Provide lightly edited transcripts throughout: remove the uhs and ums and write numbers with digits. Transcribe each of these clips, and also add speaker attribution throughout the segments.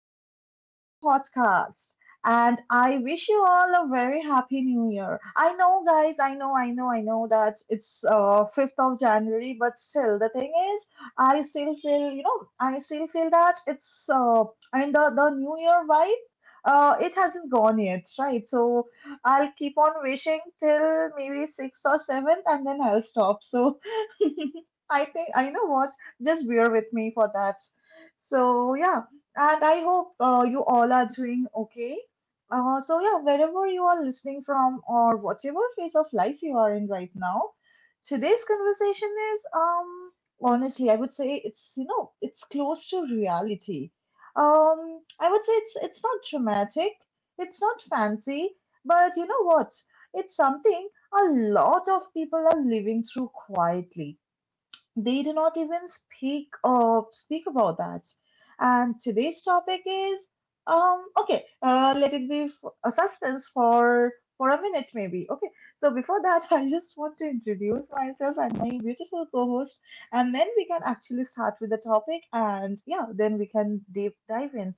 Speaker 1: welcome back to my podcast. And I wish you all a very happy new year. I know, guys, I know, I know, I know that it's 5th of January, but still, the thing is, I still feel, I still feel that it's. The new year vibe, it hasn't gone yet, right? So I'll keep on wishing till maybe 6th or 7th, and then I'll stop. So I think, I know what, just bear with me for that. So yeah, and I hope you all are doing okay. So yeah, wherever you are listening from or whatever phase of life you are in right now, today's conversation is honestly, I would say it's, you know, it's close to reality. I would say it's not dramatic, it's not fancy, but you know what? It's something a lot of people are living through quietly. They do not even speak about that. And today's topic is okay. Let it be a suspense for a minute maybe. Okay. So before that, I just want to introduce myself and my beautiful co-host, and then we can actually start with the topic. And yeah, then we can deep dive in.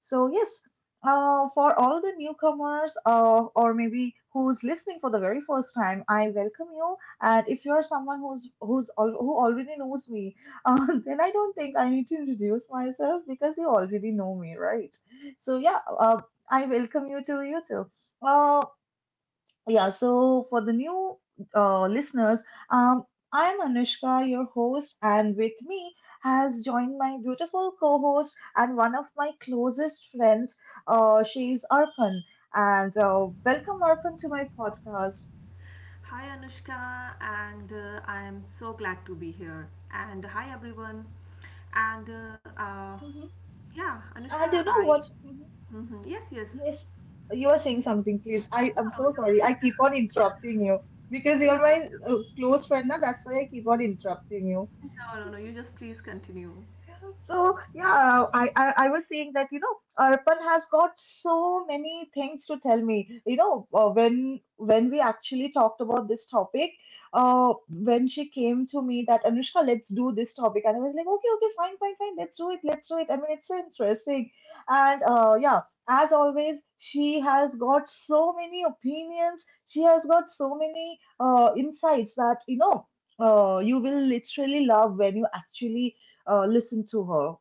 Speaker 1: So yes, for all the newcomers, or maybe who's listening for the very first time, I welcome you. And if you're someone who already knows me, then I don't think I need to introduce myself because you already know me, right? So yeah, I welcome you to YouTube. Uh, yeah. So for the new listeners, um, I'm Anushka, your host, and with me has joined my beautiful co-host and one of my closest friends. She's Arpan, and welcome Arpan to my podcast.
Speaker 2: Hi Anushka, and I am so glad to be here. And hi everyone. And
Speaker 1: Mhm.
Speaker 2: yeah, Anushka,
Speaker 1: And you know
Speaker 2: I
Speaker 1: what?
Speaker 2: Mhm. Yes, yes.
Speaker 1: Yes, you are saying something, please. I
Speaker 2: No,
Speaker 1: am
Speaker 2: no,
Speaker 1: so
Speaker 2: you
Speaker 1: sorry. I
Speaker 2: please.
Speaker 1: keep on interrupting you because
Speaker 2: No,
Speaker 1: you're
Speaker 2: no,
Speaker 1: my close friend now. That's why I keep on interrupting you.
Speaker 2: no, no, no. You just please continue.
Speaker 1: So yeah, I was saying that, you know, Arpan has got so many things to tell me. You know, when we actually talked about this topic, when she came to me that Anushka, let's do this topic, and I was like, okay, okay, fine, fine, fine, let's do it, let's do it. I mean, it's so interesting, and yeah, as always, she has got so many opinions. She has got so many insights that, you know, you will literally love when you actually listen to her.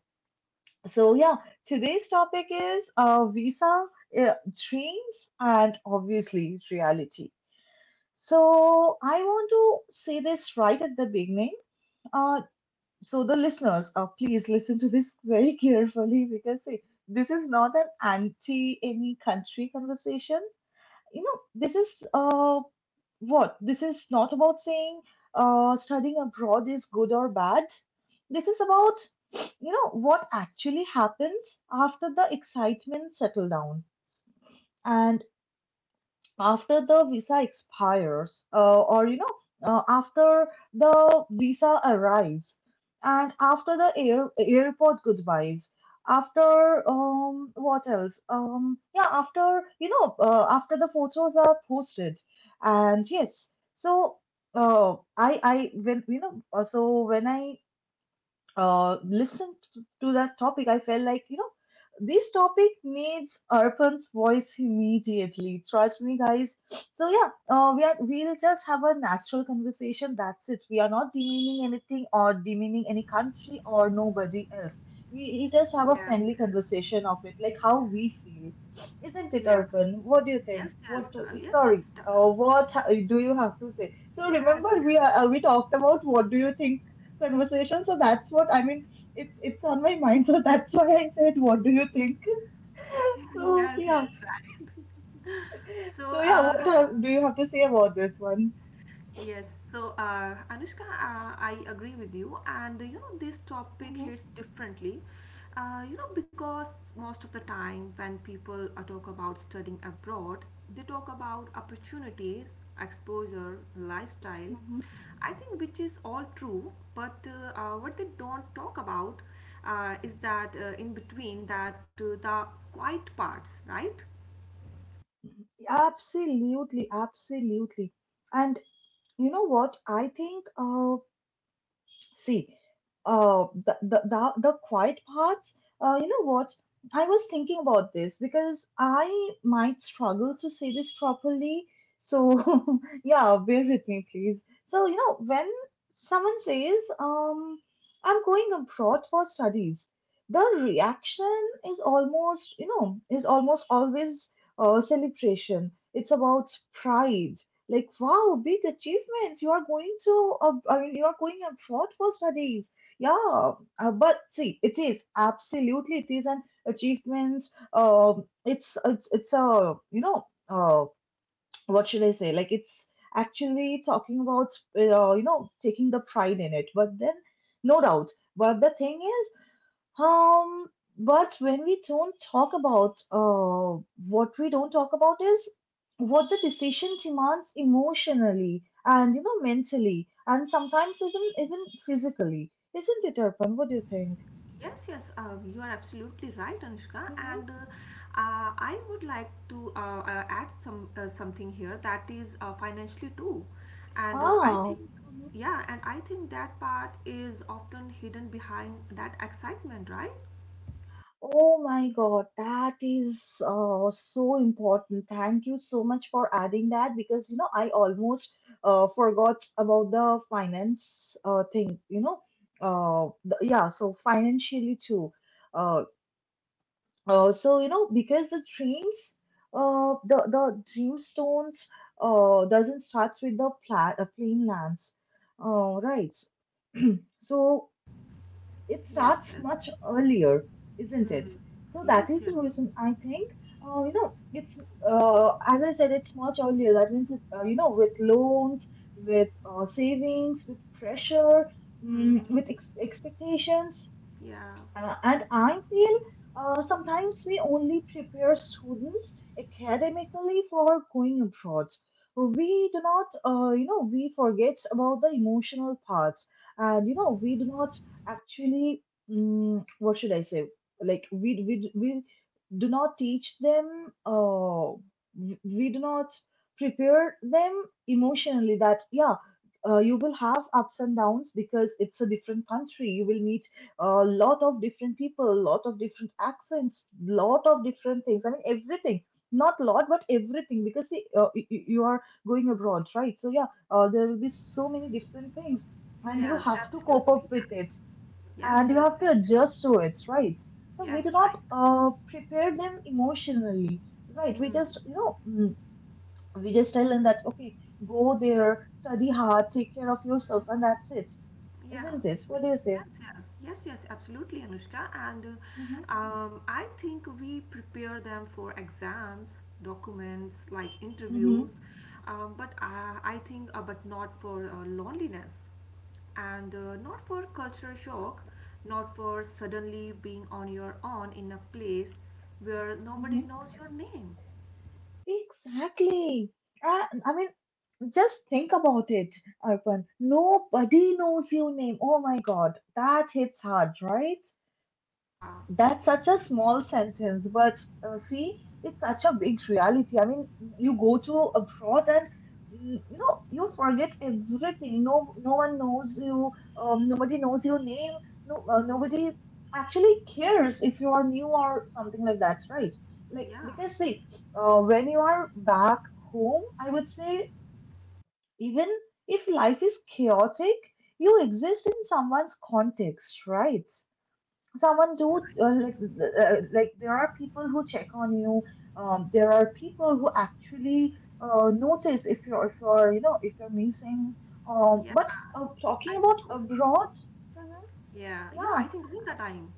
Speaker 1: So, yeah, today's topic is visa, uh, dreams, and obviously reality. So, I want to say this right at the beginning. Uh, so, the listeners, please listen to this very carefully because see, this is not an anti any country conversation. You know, this is what this is not about saying studying abroad is good or bad. This is about, you know, what actually happens after the excitement settle down and after the visa expires, or, you know, after the visa arrives, and after the airport goodbyes, after what else yeah, after, you know, after the photos are posted. And yes, so I when you know so when I listen to that topic, I felt like, you know, this topic needs Arpan's voice immediately. Trust me, guys. So yeah, we'll just have a natural conversation. That's it. We are not demeaning anything or demeaning any country or nobody else. We just have a
Speaker 2: Yes,
Speaker 1: friendly conversation of it, like how we feel, isn't it,
Speaker 2: yes,
Speaker 1: Arpan? What do you
Speaker 2: yes,
Speaker 1: think?
Speaker 2: yes,
Speaker 1: What?
Speaker 2: yes, yes.
Speaker 1: Sorry. What do you have to say? So
Speaker 2: Yes,
Speaker 1: remember, we
Speaker 2: yes,
Speaker 1: are, we talked about what do you think conversation. So that's what I mean. It's on my mind. So that's why I said, what do you think? So
Speaker 2: yes,
Speaker 1: yeah.
Speaker 2: yes. Right. So,
Speaker 1: So yeah.
Speaker 2: uh,
Speaker 1: What have, do you have to say about this one?
Speaker 2: Yes, so Anushka, I agree with you, and you know this topic
Speaker 1: Hmm.
Speaker 2: hits differently. You know, because most of the time when people talk about studying abroad, they talk about opportunities, exposure, lifestyle.
Speaker 1: Hmm.
Speaker 2: I think which is all true, but what they don't talk about is that in between that the quiet parts, right?
Speaker 1: Absolutely, absolutely. And you know what? I think. See, the quiet parts. You know what? I was thinking about this because I might struggle to say this properly. So yeah, bear with me, please. So you know, when someone says, I'm going abroad for studies, the reaction is almost, you know, is almost always celebration. It's about pride. Like, wow, big achievements. You are going to, I mean, you are going abroad for studies. Yeah, but see, it is absolutely, it is an achievement. It's a, you know, what should I say? Like, it's actually talking about, you know, taking the pride in it. But then, no doubt. But the thing um, but when we don't talk about, what we don't talk about is what the decision demands emotionally and, you know, mentally and sometimes even physically, isn't it, Arpan? What do you think?
Speaker 2: Yes, yes, you are absolutely right, Anushka.
Speaker 1: Hmm.
Speaker 2: And I would like to add something here, that is financially too. And I
Speaker 1: Ah,
Speaker 2: think,
Speaker 1: mhm.
Speaker 2: yeah, and I think that part is often hidden behind that excitement, right?
Speaker 1: Oh my God, that is so important. Thank you so much for adding that because, you know, I almost forgot about the finance thing. You know, yeah. So financially too. Uh, so you know, because the dreams, the dreamstones doesn't starts with the plain lands, right? So it
Speaker 2: Yes,
Speaker 1: starts
Speaker 2: yes,
Speaker 1: much earlier, isn't it? So that
Speaker 2: yes,
Speaker 1: is the
Speaker 2: yes.
Speaker 1: reason I think, you know, it's, as I said, it's much earlier. That means, you know, with loans, with savings, with pressure, mm,
Speaker 2: Mm,
Speaker 1: with expectations,
Speaker 2: yeah,
Speaker 1: and I feel sometimes we only prepare students academically for going abroad. We do not, you know, we forget about the emotional parts, and you know, we do not actually, mm, what should I say? Like we do not teach them. We do not prepare them emotionally that yeah, you will have ups and downs because it's a different country. You will meet a lot of different people, a lot of different accents, lot of different things. I mean, everything. Not lot, but everything. Because see, you are going abroad, right? So yeah, there will be so many different things, and you
Speaker 2: yes,
Speaker 1: have to cope up
Speaker 2: absolutely,
Speaker 1: with it,
Speaker 2: yes,
Speaker 1: and you
Speaker 2: yes,
Speaker 1: have
Speaker 2: yes,
Speaker 1: to
Speaker 2: Anushka.
Speaker 1: adjust to it, right? So we do
Speaker 2: Yes,
Speaker 1: not
Speaker 2: right.
Speaker 1: prepare them emotionally, right? We just,
Speaker 2: Mm,
Speaker 1: you know, mm, we just tell them that okay, go there, study hard, take care of yourselves, and that's it, isn't
Speaker 2: yeah.
Speaker 1: it? What do you say?
Speaker 2: Yes, yes, yes, yes, absolutely, Anushka. And
Speaker 1: Mm-hmm.
Speaker 2: I think we prepare them for exams, documents, like
Speaker 1: Mm-hmm.
Speaker 2: interviews, but I think, but not for loneliness, and not for cultural shock, not for suddenly being on your own in a place where nobody
Speaker 1: Mm-hmm.
Speaker 2: knows your name.
Speaker 1: Exactly. I mean, just think about it, Arpan. Nobody knows your name. Oh my God, that hits hard, right?
Speaker 2: Yeah,
Speaker 1: That's such a small sentence, but see, it's such a big reality. I mean, you go to abroad and mm, you know, you forget everything. No, no one knows you. Nobody knows your name. No, nobody actually cares if you are new or something like that, right? Like
Speaker 2: yeah,
Speaker 1: because see, when you are back home, I would say even if life is chaotic, you exist in someone's context, right? someone
Speaker 2: I,
Speaker 1: do like there are people who check on you, there are people who actually notice if you're you know if you're missing,
Speaker 2: yeah,
Speaker 1: but
Speaker 2: I
Speaker 1: talking
Speaker 2: think,
Speaker 1: about
Speaker 2: oh,
Speaker 1: abroad. Mhm,
Speaker 2: yeah, yeah,
Speaker 1: yeah.
Speaker 2: I think all the time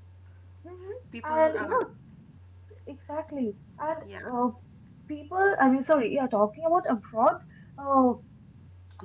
Speaker 1: Mhm,
Speaker 2: people,
Speaker 1: and you know, exactly. And
Speaker 2: yeah.
Speaker 1: uh, people I mean sorry, yeah, talking about abroad, uh,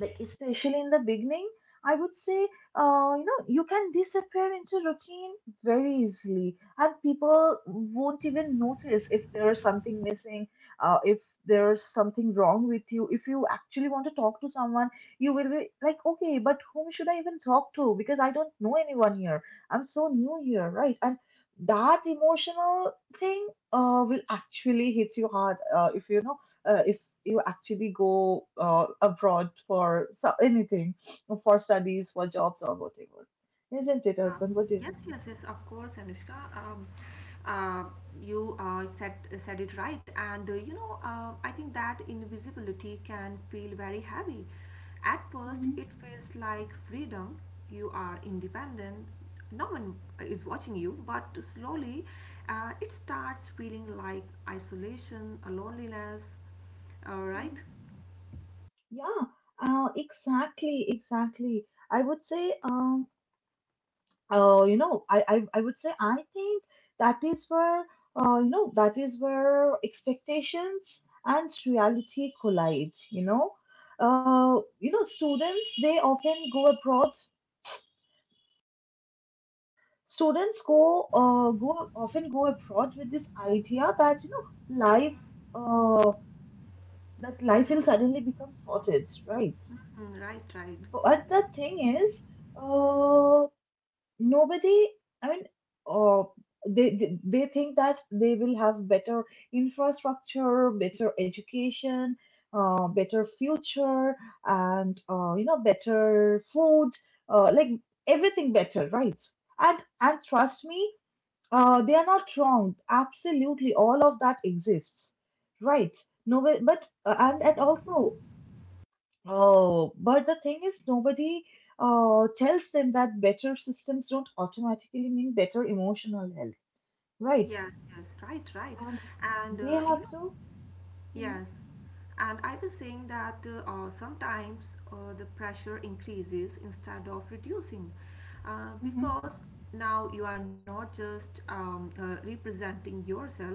Speaker 1: like especially in the beginning, I would say, you know, you can disappear into routine very easily, and people won't even notice if there is something missing, if there is something wrong with you. If you actually want to talk to someone, you will be like okay, but whom should I even talk to because I don't know anyone here. I'm so new here, right? And that emotional thing will actually hit you hard if you know if you actually go abroad for anything, for studies, for jobs, or whatever. Isn't it,
Speaker 2: Yeah.
Speaker 1: Urban? What do you
Speaker 2: Yes,
Speaker 1: think?
Speaker 2: yes, yes, of course, Anushka. Uh, you said it right, and you know, I think that invisibility can feel very heavy. At first,
Speaker 1: Hmm.
Speaker 2: it feels like freedom. You are independent. No one is watching you, but slowly, it starts feeling like isolation, a loneliness. All
Speaker 1: Hmm.
Speaker 2: right.
Speaker 1: Yeah, exactly, exactly. I would say, you know, I would say I think that is where, you know, that is where expectations and reality collide, you know. You know, students, they often go abroad, students go go often go abroad with this idea that you know life uh, that life will suddenly become sorted, right?
Speaker 2: Mhm. Right, right.
Speaker 1: But the thing is, uh, nobody I mean uh, they think that they will have better infrastructure, better education, better future, and you know, better food, like everything better, right? And trust me, they are not wrong. Absolutely, all of that exists, right? No, but- and also, but the thing is, nobody tells them that better systems don't automatically mean better emotional health, right?
Speaker 2: Yes, yes, right, right.
Speaker 1: And
Speaker 2: And
Speaker 1: they have
Speaker 2: you know,
Speaker 1: to. Mhm,
Speaker 2: yes, and I was saying that sometimes the pressure increases instead of reducing
Speaker 1: mhm.
Speaker 2: because now you are not just representing yourself,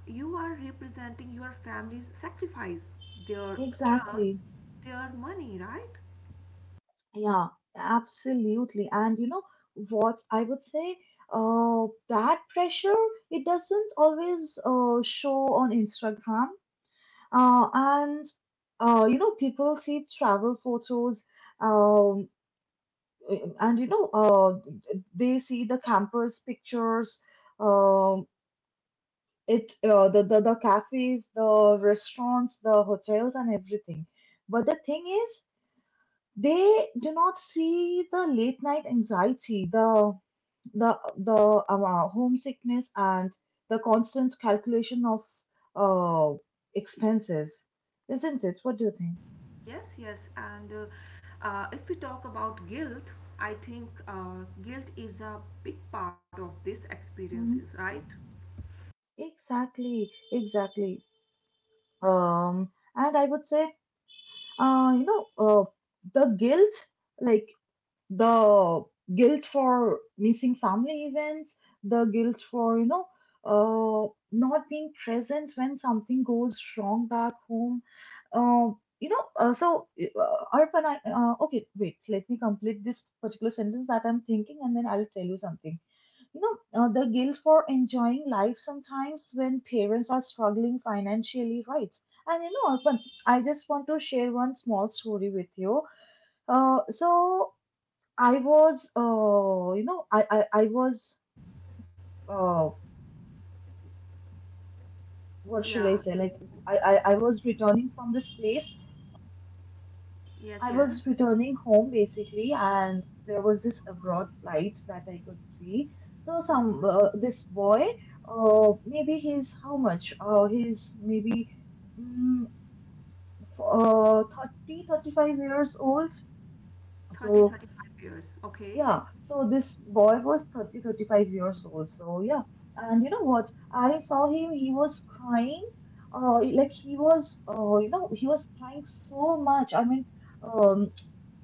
Speaker 2: you are representing your family's sacrifice, their trust,
Speaker 1: Exactly.
Speaker 2: their money, right?
Speaker 1: Yeah, absolutely. And you know what I would say? That pressure, it doesn't always show on Instagram. Uh, and people see travel photos. Um, and you know, uh, they see the campus pictures. Um, it uh, the, the the cafes, the restaurants, the hotels, and everything. But the thing is, they do not see the late night anxiety, the homesickness, and the constant calculation of uh, expenses, isn't it? What do you think?
Speaker 2: Yes, yes, and if we talk about guilt, I think guilt is a big part of these experiences,
Speaker 1: Mhm.
Speaker 2: right?
Speaker 1: Exactly, exactly. And I would say, uh, you know, uh, the guilt, like the guilt for missing family events, the guilt for, uh, not being present when something goes wrong back home. Arpan, okay, wait, let me complete this particular sentence that I'm thinking and then I'll tell you something. The guilt for enjoying life sometimes when parents are struggling financially, right? And you know, Arpan, I just want to share one small story with you. So I was, you know, I was, uh, what should
Speaker 2: Yeah,
Speaker 1: I say? Like, I was returning from this place.
Speaker 2: yes,
Speaker 1: I
Speaker 2: yes.
Speaker 1: was returning home basically, and there was this abroad flight that I could see. So
Speaker 2: Mhm.
Speaker 1: some this boy, maybe he's how much? He's maybe mm, 30, 35 years old.
Speaker 2: 30,
Speaker 1: So
Speaker 2: 35 years. Okay.
Speaker 1: yeah, so this boy was 30, 35 years old. So yeah, and you know what? I saw him. He was crying. He was crying so much. I mean. Um,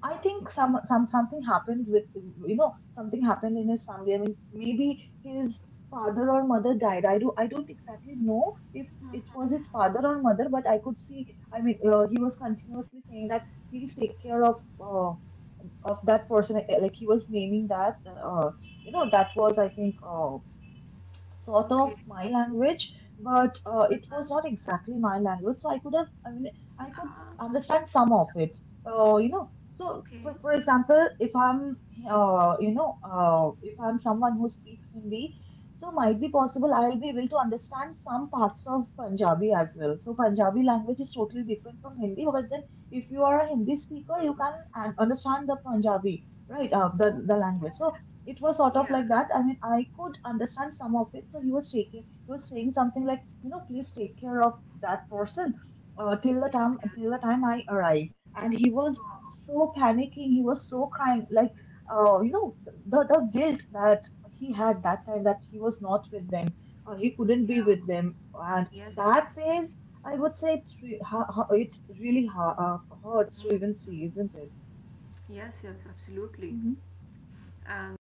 Speaker 1: I think something happened. With you know Something happened in his family. I mean, maybe his father or mother died. I don't exactly know if it was his father or mother, but I could see. I mean, he was continuously saying that please take care of that person. Like he was naming that. That was I think sort
Speaker 2: Okay.
Speaker 1: of my language, but it
Speaker 2: Uh,
Speaker 1: was not exactly my language. So I could have, I mean, I could
Speaker 2: uh,
Speaker 1: understand some of it. Uh, you know, so
Speaker 2: okay.
Speaker 1: for for example, if I'm someone who speaks Hindi, so might be possible I'll be able to understand some parts of Punjabi as well. So Punjabi language is totally different from Hindi, but then if you are a Hindi speaker, you can understand the Punjabi, right? Uh,
Speaker 2: Oh,
Speaker 1: the the language.
Speaker 2: yes, yes.
Speaker 1: So it was sort
Speaker 2: Yeah.
Speaker 1: of like
Speaker 2: Right.
Speaker 1: that. I mean, I could understand some of it. So he was saying something like, you know, please take care of that person
Speaker 2: Yes, yes.
Speaker 1: till the time I arrive. And he was
Speaker 2: Wow.
Speaker 1: so panicking. He was so crying, like, uh, you know, the guilt that he had that time that he was not with them, he couldn't be
Speaker 2: Yeah.
Speaker 1: with them, and
Speaker 2: Yes, yes.
Speaker 1: that phase. I would say it really hurts to
Speaker 2: Mm.
Speaker 1: even see, isn't it?
Speaker 2: Yes, yes, absolutely.
Speaker 1: Hmm.
Speaker 2: And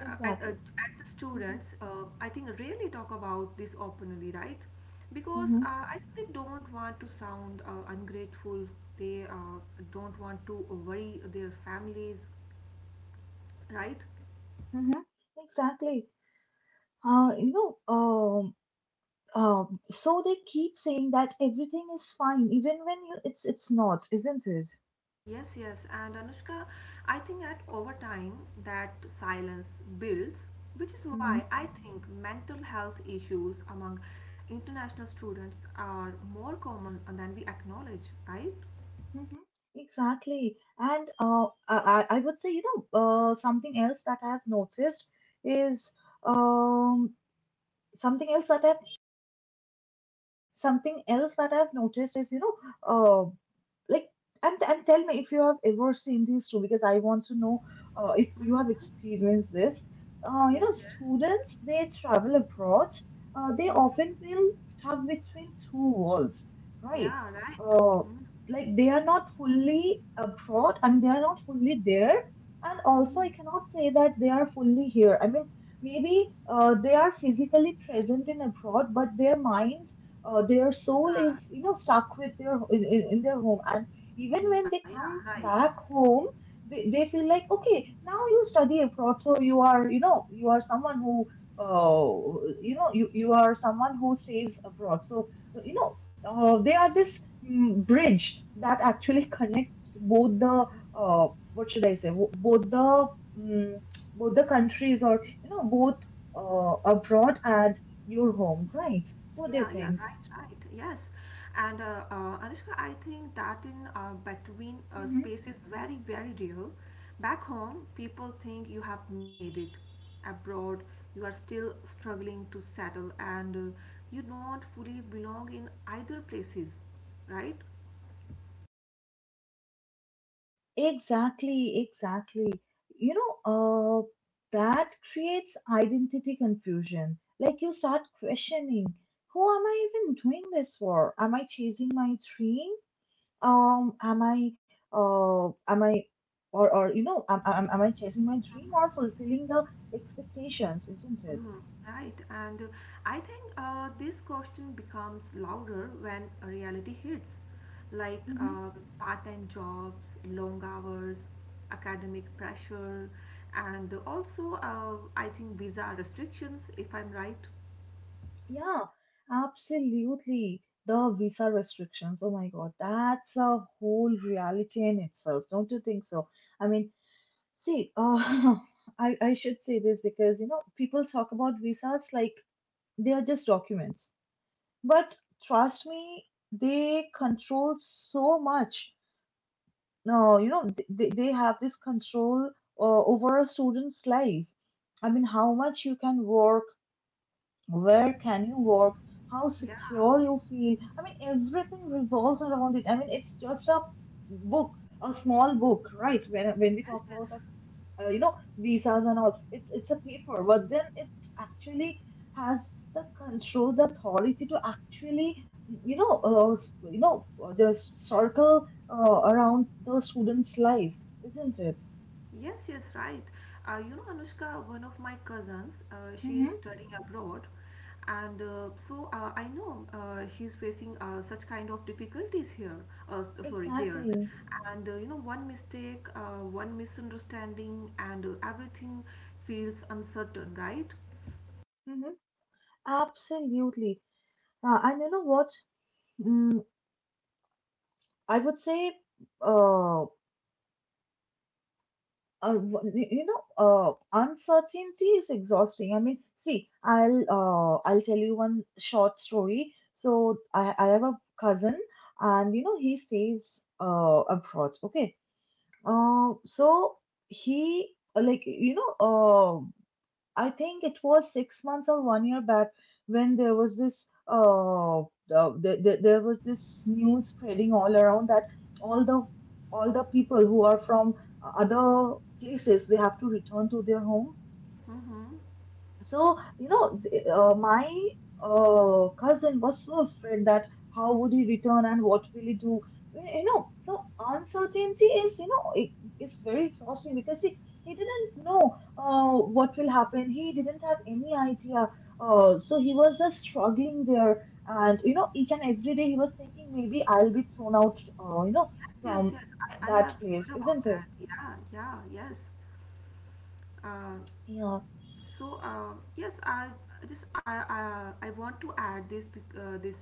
Speaker 2: uh, at, at at the students, I think really talk about this openly, right? Because
Speaker 1: Hmm.
Speaker 2: I think they don't want to sound ungrateful. They don't want to worry their families, right?
Speaker 1: Mhm. Exactly. Uh, you know, um, so they keep saying that everything is fine, even when you, it's not, isn't it?
Speaker 2: Yes, yes. And Anushka, I think that over time that silence builds, which is
Speaker 1: Hmm.
Speaker 2: why I think mental health issues among international students are more common than we acknowledge, right?
Speaker 1: Mm-hmm. Exactly. And I would say, something else that I've noticed is um, something else that I've Something else that I've noticed is, uh, like, and tell me if you have ever seen these two, because I want to know if you have experienced this.
Speaker 2: Yes, yes.
Speaker 1: They travel abroad, they often feel stuck between two worlds, right?
Speaker 2: Yeah, right.
Speaker 1: Uh, they are not fully abroad. I mean, they are not fully there. And also, I
Speaker 2: mm
Speaker 1: cannot say that they are fully here. I mean, maybe they are physically present in abroad, but their mind, their soul
Speaker 2: Uh,
Speaker 1: is you know stuck with their in their home. And even when
Speaker 2: Yeah,
Speaker 1: they
Speaker 2: yeah,
Speaker 1: come
Speaker 2: right.
Speaker 1: back home, they feel like okay now you study abroad so you are you know you are someone who, uh, you are someone who stays abroad. So you know they are this bridge that actually connects both the uh, what should I say wo- both the mm both the countries, or you know both abroad and your home, right? What
Speaker 2: Yeah,
Speaker 1: do you
Speaker 2: yeah,
Speaker 1: think?
Speaker 2: right, right. Yes. And Anushka, I think that in between
Speaker 1: Mhm.
Speaker 2: space is very, very real. Back home, people think you have made it. Abroad, you are still struggling to settle, and you don't fully belong in either places, right?
Speaker 1: Exactly, exactly. You know, that creates identity confusion. Like you start questioning, who am I even doing this for? Am I chasing my dream? Um, am I, am I, or you know, am I chasing my dream or fulfilling the expectations, isn't it?
Speaker 2: Mhm. Right, and I think this question becomes louder when reality hits, like part-time jobs, long hours, academic pressure, and also I think visa restrictions, if I'm right.
Speaker 1: Yeah, absolutely. The visa restrictions. Oh my God, that's a whole reality in itself. Don't you think so? I mean, see, I should say this because, you know, people talk about visas like they are just documents. But trust me, they control so much. No, you know, they have this control over a student's life. I mean, how much you can work, where can you work, how
Speaker 2: Yeah,
Speaker 1: secure you feel. I mean, everything revolves around it. I mean, it's just a book, a small book, right? When we
Speaker 2: yes,
Speaker 1: talk
Speaker 2: yes.
Speaker 1: about a, visas and all, it's a paper, but then it actually has the control, the authority to actually just circle around the student's life, isn't it?
Speaker 2: Yes, yes, right. You know, Anushka, one of my cousins, she is
Speaker 1: Hmm.
Speaker 2: studying abroad, and I know she is facing such kind of difficulties here, sorry, there.
Speaker 1: Exactly.
Speaker 2: And you know, one mistake, one misunderstanding, and everything feels uncertain, right?
Speaker 1: Hmm. Absolutely. And you know what? Mm, I would say, uh, uh, w- y- you know, uh, uncertainty is exhausting. I mean, see, I'll tell you one short story. So I have a cousin, and you know, he stays abroad. Okay. So he like you know I think it was 6 months or one year back when there was there was this news spreading all around that all the all the people who are from other places they have to return to their home. So, you know, my cousin was so afraid that how would he return and what will he do? You know, so uncertainty is, you know, it's very exhausting because he didn't know what will happen. He didn't have any idea. He was just struggling there. And, you know, each and every day he was thinking, maybe I'll be thrown out, uh, you know,
Speaker 2: Yes, yes,
Speaker 1: from
Speaker 2: yes. I
Speaker 1: that
Speaker 2: have
Speaker 1: place,
Speaker 2: heard about
Speaker 1: isn't
Speaker 2: that.
Speaker 1: it?
Speaker 2: Yeah, yeah, yes. Uh,
Speaker 1: Yeah.
Speaker 2: yes, I just I want to add this bec- this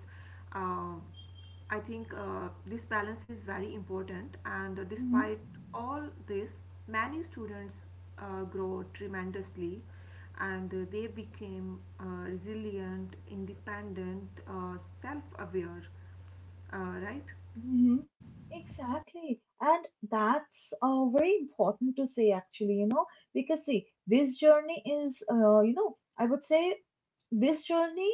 Speaker 2: uh, I think this balance is very important. And despite all this, many students grow tremendously, and they became resilient, independent, self-aware. Right?
Speaker 1: Hmm. Exactly. And that's very important to say, actually, you know, because see, this journey is, I would say this journey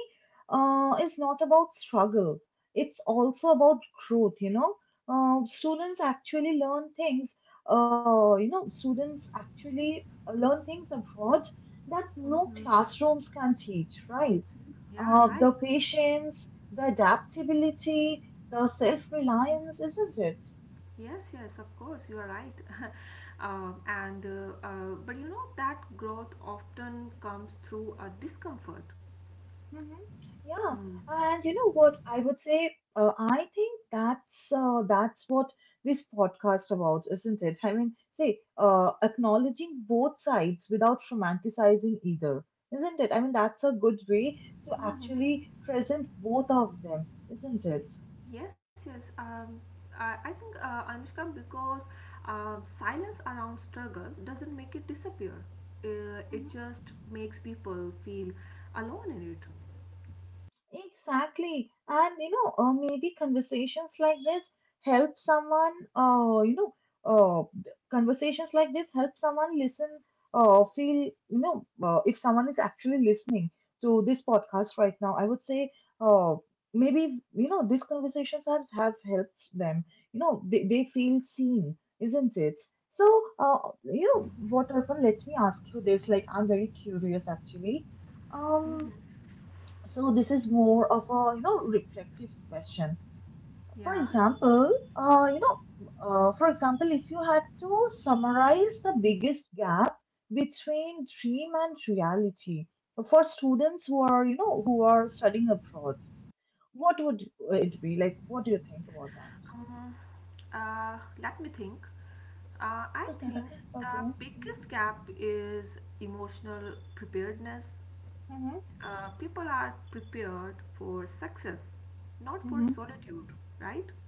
Speaker 1: is not about struggle. It's also about growth, you know. Students actually learn things, you know, students actually learn things abroad that no classrooms can teach, right?
Speaker 2: Yeah,
Speaker 1: Uh,
Speaker 2: right.
Speaker 1: the patience, the adaptability, the self-reliance, isn't it?
Speaker 2: Yes, yes, of course, you are right. And But you know that growth often comes through a discomfort.
Speaker 1: Hmm. Yeah,
Speaker 2: Hmm.
Speaker 1: and you know what? I would say, I think that's what this podcast about, isn't it? I mean, say, acknowledging both sides without romanticizing either, isn't it? I mean, that's a good way to actually present both of them, isn't it?
Speaker 2: Yes, yes. I think, Anushka, because silence around struggle doesn't make it disappear. It just makes people feel alone in it.
Speaker 1: Exactly. And you know, maybe conversations like this help someone, uh, conversations like this help someone listen, feel, you know, if someone is actually listening to this podcast right now, I would say, uh, maybe, you know, these conversations have helped them. You know, they feel seen, isn't it? So, Arpan, let me ask you this, like, I'm very curious actually. Um, so this is more of a you know reflective question. For
Speaker 2: Yeah.
Speaker 1: example, uh, you know, for example, if you had to summarize the biggest gap between dream and reality for students who are you know who are studying abroad, what would it be like? What do you think about that?
Speaker 2: Um, Let me think. I think the
Speaker 1: okay.
Speaker 2: biggest gap is emotional preparedness.
Speaker 1: Mm-hmm.
Speaker 2: People are prepared for success, not for
Speaker 1: Mm-hmm.
Speaker 2: solitude, right?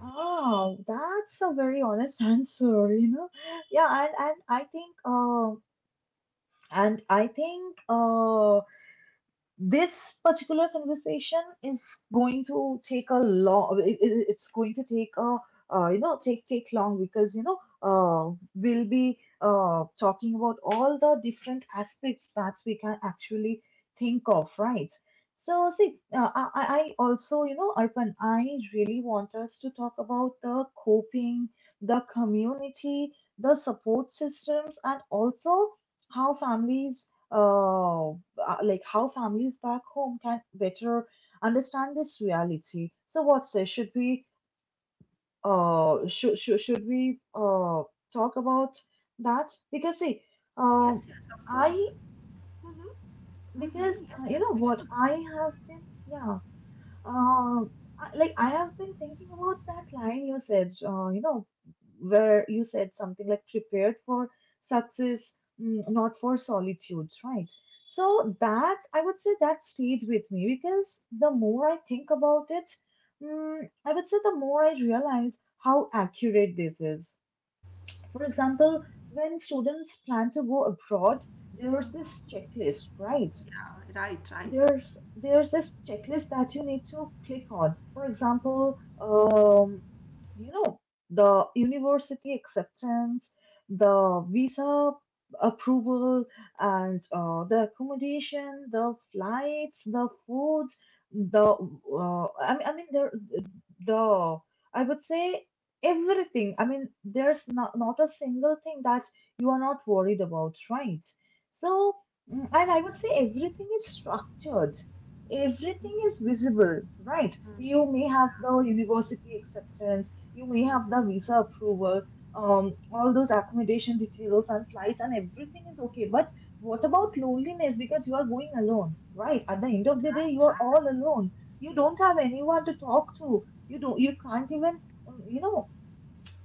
Speaker 1: Oh, that's a very honest answer, you know. Yeah, and and I think uh, and I think this particular conversation is going to take a long. It's going to take a, you know take take long, because you know we'll be talking about all the different aspects that we can actually think of, right? So see, I also you know Arpan I really want us to talk about the coping, the community, the support systems, and also how families, uh, like how families back home can better understand this reality. So what say, should we should we talk about that? Because see, um,
Speaker 2: Yes, yes, of
Speaker 1: I,
Speaker 2: course.
Speaker 1: mhm, Because
Speaker 2: Hmm. Yes,
Speaker 1: you know
Speaker 2: yes, we
Speaker 1: what
Speaker 2: should.
Speaker 1: I have been, uh, like I have been thinking about that line you said, you know, where you said something like prepared for success, not for solitude, right? So that, I would say, that stayed with me because the more I think about it, I would say the more I realize how accurate this is. For example, when students plan to go abroad, there's this checklist, right?
Speaker 2: Yeah, right, right.
Speaker 1: There's this checklist that you need to click on. For example, you know, the university acceptance, the visa approval, and the accommodation, the flights, the food, the I mean there the I would say everything. I mean, there's not a single thing that you are not worried about, right? So, and I would say everything is structured. Everything is visible, right? You may have the university acceptance, you may have
Speaker 2: Hmm.
Speaker 1: the visa approval, all those accommodation details and flights, and everything is okay. But what about loneliness? Because you are going alone, right? At the end of the day, you
Speaker 2: Right,
Speaker 1: are all
Speaker 2: right.
Speaker 1: alone. You don't have anyone to talk to. You don't. You can't even, um, you know,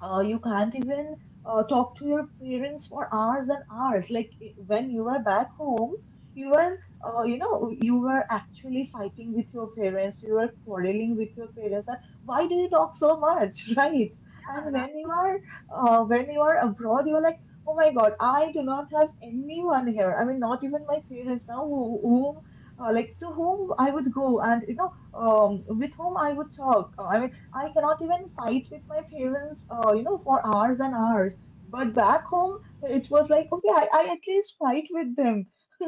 Speaker 1: you can't even talk to your parents for hours and hours. When you are back home, you were, uh, you know, you were actually fighting with your parents. You were quarreling with your parents. That, why do you talk so much, right? And
Speaker 2: Yeah, right.
Speaker 1: when you are abroad, you are like, oh my God, I do not have anyone here. I mean, not even my parents now, who, whom. Like, to whom I would go, and you know, with whom I would talk. I mean, I cannot even fight with my parents, for hours and hours. But back home, it was like, okay, I at least fight with them.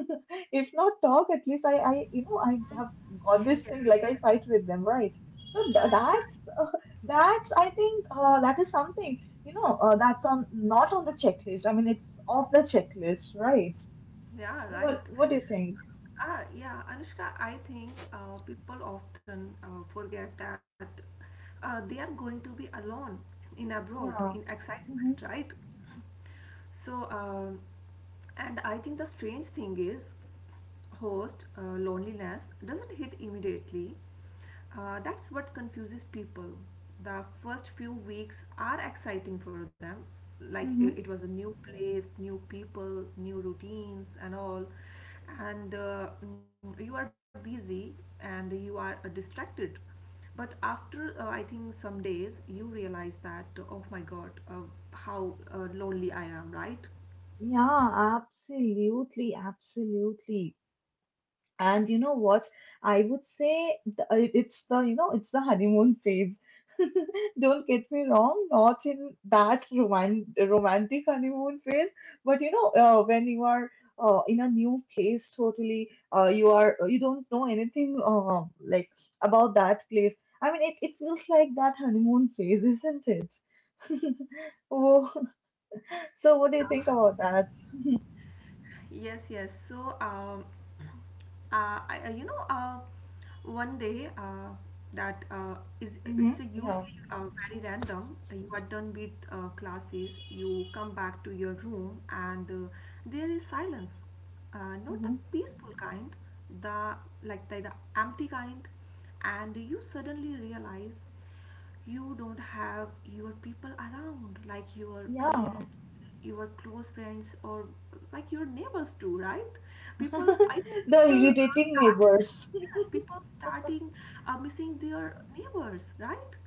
Speaker 1: If not talk, at least I I have got this thing, like I
Speaker 2: Yeah,
Speaker 1: fight with them, right? So th-
Speaker 2: yeah, right, right.
Speaker 1: that's, uh, that's, I think, that is something, you know, that's on, not on the checklist. I mean, it's off the checklist, right?
Speaker 2: Yeah,
Speaker 1: What,
Speaker 2: right.
Speaker 1: what do you think?
Speaker 2: Ah, yeah, Anushka, I think people often forget that they are going to be alone in abroad in
Speaker 1: Yeah.
Speaker 2: excitement,
Speaker 1: Hmm.
Speaker 2: right? So, uh, and I think the strange thing is, host loneliness doesn't hit immediately. That's what confuses people. The first few weeks are exciting for them, like it was
Speaker 1: Hmm.
Speaker 2: a new place, new people, new routines, and all. And you are busy, and you are distracted. But after I think some days, you realize that, oh my God, how lonely I am, right?
Speaker 1: Yeah, absolutely, absolutely. And you know what? I would say it's the, you know, it's the honeymoon phase. Don't get me wrong, not in that romantic honeymoon phase, but you know, when you are in a new place, totally, you don't know anything, like about that place. I mean, it feels like that honeymoon phase, isn't it? Oh, so
Speaker 2: I
Speaker 1: what do you think about that?
Speaker 2: Yes, yes. So, you know, one day that is
Speaker 1: Hmm.
Speaker 2: it's a
Speaker 1: Yeah.
Speaker 2: usually very random. You are done with classes, you come back to your room, and there is silence. Not the
Speaker 1: Hmm.
Speaker 2: peaceful kind, the the empty kind, and you suddenly realize you don't have your people around, like your
Speaker 1: Yeah.
Speaker 2: parents, your close friends, or like your neighbors too, right? People, I think
Speaker 1: The
Speaker 2: people
Speaker 1: irritating
Speaker 2: started.
Speaker 1: neighbors.
Speaker 2: Yes, people starting missing their neighbors, right?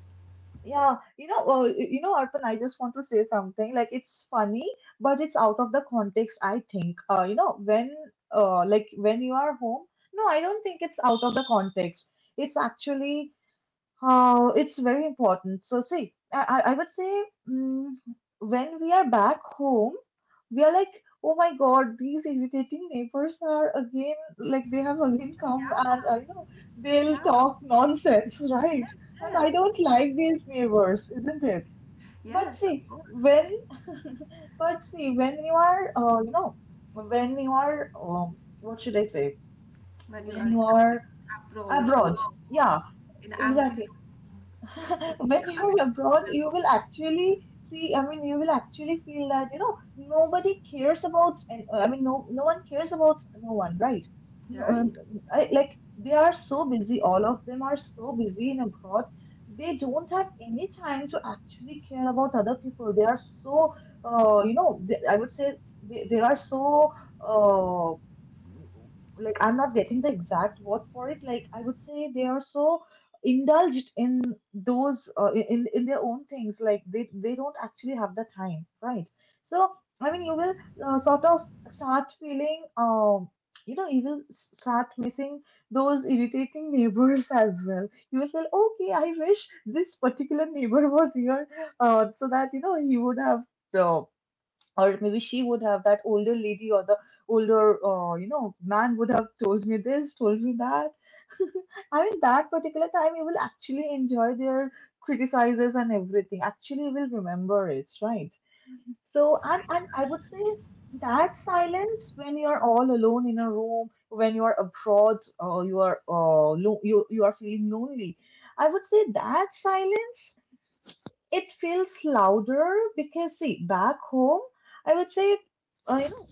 Speaker 1: Yeah, you know, Arpan, I just want to say something. Like, it's funny, but it's out of the context, I think. You know, when like when you are home, no, I don't think it's out of the context. It's actually, it's very important. So see, I I would say, mm, when we are back home, we are like, oh my God, these irritating neighbors are again, like they have again come, and
Speaker 2: Yeah,
Speaker 1: they'll
Speaker 2: yeah,
Speaker 1: talk nonsense, right?
Speaker 2: yes,
Speaker 1: And I
Speaker 2: yes,
Speaker 1: don't like these neighbors, isn't it? But
Speaker 2: yes, of
Speaker 1: see,
Speaker 2: course.
Speaker 1: when but see when you are, when you are, what should I say?
Speaker 2: When you
Speaker 1: When
Speaker 2: are
Speaker 1: you are
Speaker 2: like, abroad
Speaker 1: abroad, yeah.
Speaker 2: alone in an empty
Speaker 1: Exactly.
Speaker 2: room, sitting,
Speaker 1: When
Speaker 2: uh,
Speaker 1: you're abroad, you
Speaker 2: sitting
Speaker 1: will
Speaker 2: alone,
Speaker 1: actually see, I mean, you will actually feel that, you know, nobody cares about, and I mean, no one cares about no one, right? No,
Speaker 2: right?
Speaker 1: I, like, they are so busy, all of them are so busy in abroad. They don't have any time to actually care about other people. They are so, I would say they are so, uh, like, I'm not getting the exact word for it. Like, I would say they are so indulged in those, in their own things, like they don't actually have the time, right? So I mean, you will, sort of start feeling, you know, you will start missing those irritating neighbors as well. You will feel okay, I wish this particular neighbor was here, so that, you know, he would have, uh, or maybe she would have, that older lady or the older, you know, man would have told me this, told me that. I mean, that particular time you will actually enjoy their criticizes, and everything actually will remember it, right? So, and I would say that silence, when you're all alone in a room, when you're abroad, you, you are feeling lonely, I would say that silence, it feels louder, because see, back home, I would say, uh, you know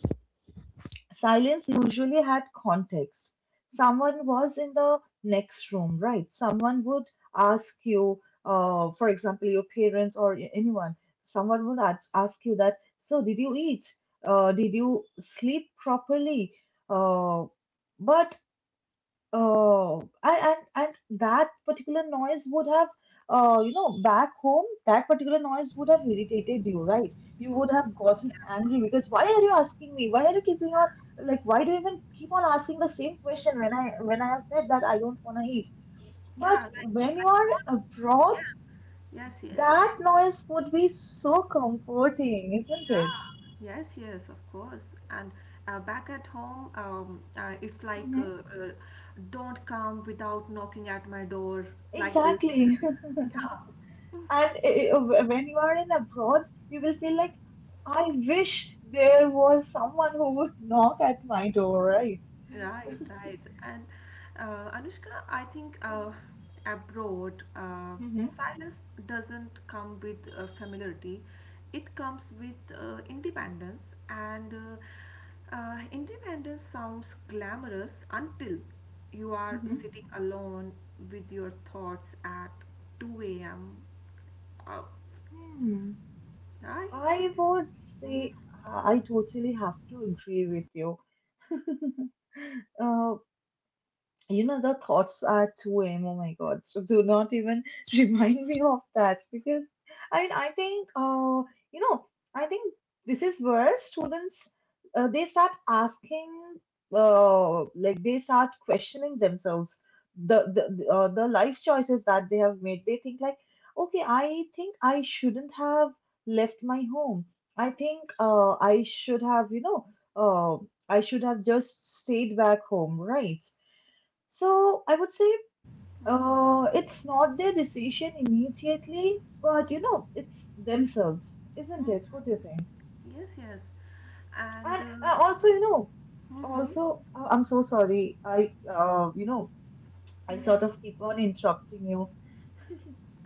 Speaker 1: silence usually had context. Someone was in the next room, right? Someone would ask you, for example, your parents or anyone. Someone would ask you that, so did you eat? Did you sleep properly? uh, but, Oh, and that particular noise would have, back home, that particular noise would have irritated you, right? You would have gotten angry, because why are you asking me? Why are you keeping on, like why do you even keep on asking the same question, when I have said that I don't want to eat?
Speaker 2: Yeah,
Speaker 1: But
Speaker 2: like,
Speaker 1: when you are
Speaker 2: don't.
Speaker 1: abroad,
Speaker 2: Yes, yes, yes.
Speaker 1: that noise would be so comforting, isn't it?
Speaker 2: Yeah. Yes, yes, of course. And back at home, it's like,
Speaker 1: Mm-hmm.
Speaker 2: don't come without knocking at my door like this.
Speaker 1: Exactly.
Speaker 2: Yeah.
Speaker 1: And when you are in abroad, you will feel like, I wish there was someone who would knock at my door, right?
Speaker 2: Right, right. And Anushka, I think abroad,
Speaker 1: Mm-hmm.
Speaker 2: silence doesn't come with familiarity. It comes with independence, and independence sounds glamorous until you are
Speaker 1: Mm-hmm.
Speaker 2: sitting alone with your thoughts at 2 a.m. Uh,
Speaker 1: Hmm.
Speaker 2: right?
Speaker 1: I would say I totally have to agree with you. Uh, you know, the thoughts at 2 a.m. Oh my God. So do not even remind me of that, because I mean, I think, you know, I think this is where students, they start asking, like they start questioning themselves the life choices that they have made. They think like, okay, I think I shouldn't have left my home. I think, I should have, you know, uh, I should have just stayed back home, right? So I would say it's not their decision immediately, but you know, it's themselves, isn't it?
Speaker 2: Mhm.
Speaker 1: What do you think?
Speaker 2: Yes, yes. And
Speaker 1: And also, you know,
Speaker 2: mm-hmm,
Speaker 1: also, I'm so sorry. I, I sort
Speaker 2: mm-hmm.
Speaker 1: of keep on interrupting you.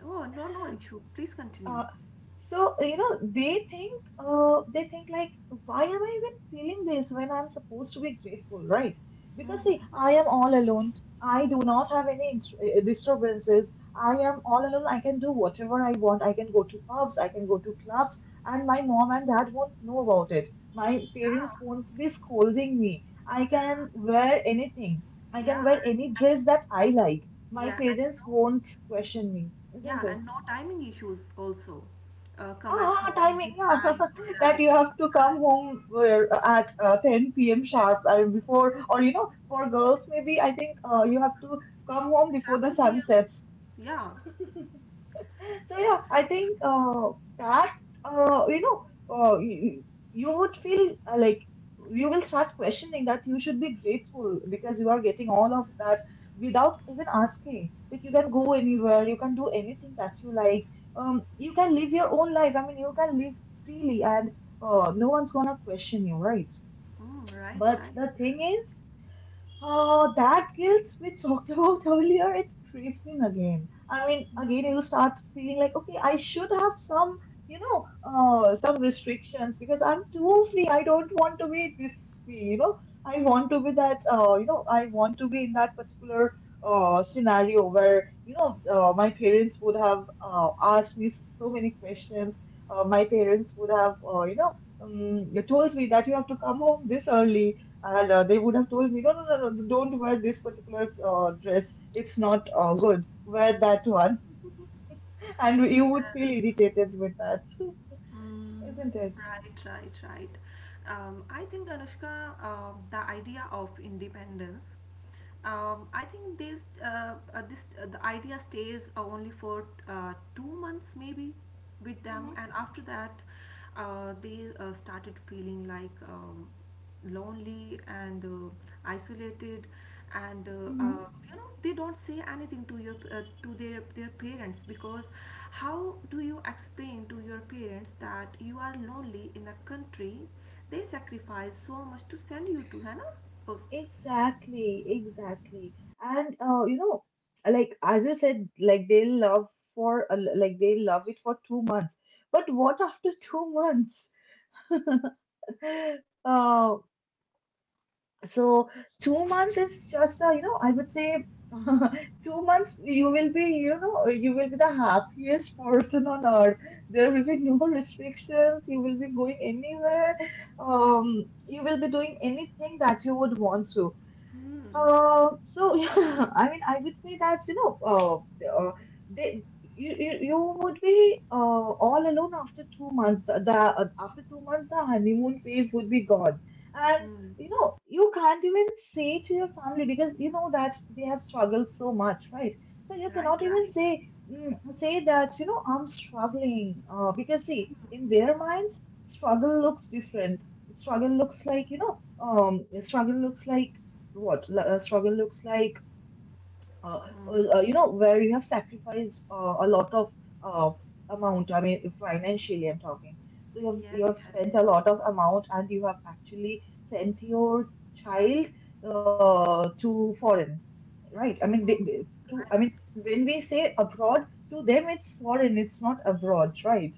Speaker 2: Oh, no, no issue. Please continue.
Speaker 1: Uh, so you know, they think, they think like, why am I even feeling this when I'm supposed to be grateful, right? Because see,
Speaker 2: Mm-hmm.
Speaker 1: I am all alone, I do not have any disturbances. I am all alone, I can do whatever I want, I can go to pubs, I can go to clubs, and my mom and dad won't know about it. My parents
Speaker 2: Yeah.
Speaker 1: won't be scolding me, I
Speaker 2: Uh,
Speaker 1: can wear anything, I
Speaker 2: yeah.
Speaker 1: can wear any
Speaker 2: And
Speaker 1: dress that I like, my
Speaker 2: yeah, and
Speaker 1: parents
Speaker 2: no,
Speaker 1: won't question me, isn't
Speaker 2: Yeah,
Speaker 1: it?
Speaker 2: and no timing issues also. Come at
Speaker 1: Ah,
Speaker 2: home
Speaker 1: timing,
Speaker 2: this
Speaker 1: yeah.
Speaker 2: time or
Speaker 1: That
Speaker 2: that.
Speaker 1: you have to
Speaker 2: Ah,
Speaker 1: come home where, at 10 p.m.
Speaker 2: it's
Speaker 1: sharp, before, or you know, for girls, maybe I think, you have to come home before the
Speaker 2: 7
Speaker 1: sun
Speaker 2: p.m.
Speaker 1: sets.
Speaker 2: Yeah.
Speaker 1: So yeah, I think, that uh, you know you, you would feel like you will start questioning that you should be grateful because you are getting all of that without even asking. Like you can go anywhere, you can do anything that you like. You can live your own life. I mean, you can live freely, and no one's gonna question you, right?
Speaker 2: Mm, right,
Speaker 1: But
Speaker 2: right.
Speaker 1: the thing is, that guilt we talked about earlier, it creeps in again. I mean, again, you start feeling like, okay, I should have some, you know, some restrictions, because I'm too free. I don't want to be this free, you know. I want to be that, I want to be in that particular scenario where, you know, my parents would have asked me so many questions. My parents would have, told me that you have to come home this early, and they would have told me, no, no, no, no, don't wear this particular dress. It's not good. Wear that one. And you would
Speaker 2: Yes.
Speaker 1: feel irritated with that,
Speaker 2: Mm,
Speaker 1: isn't it?
Speaker 2: right, right, right. I think, Anushka, the idea of independence. I think this, this the idea stays only for 2 months, maybe, with them,
Speaker 1: Hmm.
Speaker 2: and after that, they started feeling like, lonely and isolated, and
Speaker 1: Hmm.
Speaker 2: you know they don't say anything to your to their parents, because how do you explain to your parents that you are lonely in a country they sacrifice so much to send you to Hannah? Oh,
Speaker 1: Exactly, exactly. And you know, like as you said, like they love for, like they love it for 2 months. But what after 2 months? Uh, so 2 months is just a, you know, I would say 2 months you will be, you know, you will be the happiest person on earth. There will be no restrictions. You will be going anywhere. You will be doing anything that you would want to. So Yeah, I mean, I would say that you know, the- they you would be all alone after 2 months. The After 2 months, the honeymoon phase would be gone, and
Speaker 2: mm,
Speaker 1: you know, you can't even say to your family because you know that they have struggled so much, right? So you
Speaker 2: right,
Speaker 1: cannot even
Speaker 2: right.
Speaker 1: say say that you know I'm struggling, because see, in their minds, struggle looks different. Struggle looks like you know struggle looks like struggle looks like uh,
Speaker 2: Mm,
Speaker 1: you know where you have sacrificed a lot of uh, amount, I mean financially I'm talking. So
Speaker 2: yes,
Speaker 1: you have
Speaker 2: yes.
Speaker 1: spent a lot of amount and you have actually sent your child to foreign, right? I mean,
Speaker 2: Mm,
Speaker 1: to,
Speaker 2: right.
Speaker 1: I mean, when we say abroad, to them it's foreign, it's not abroad, right?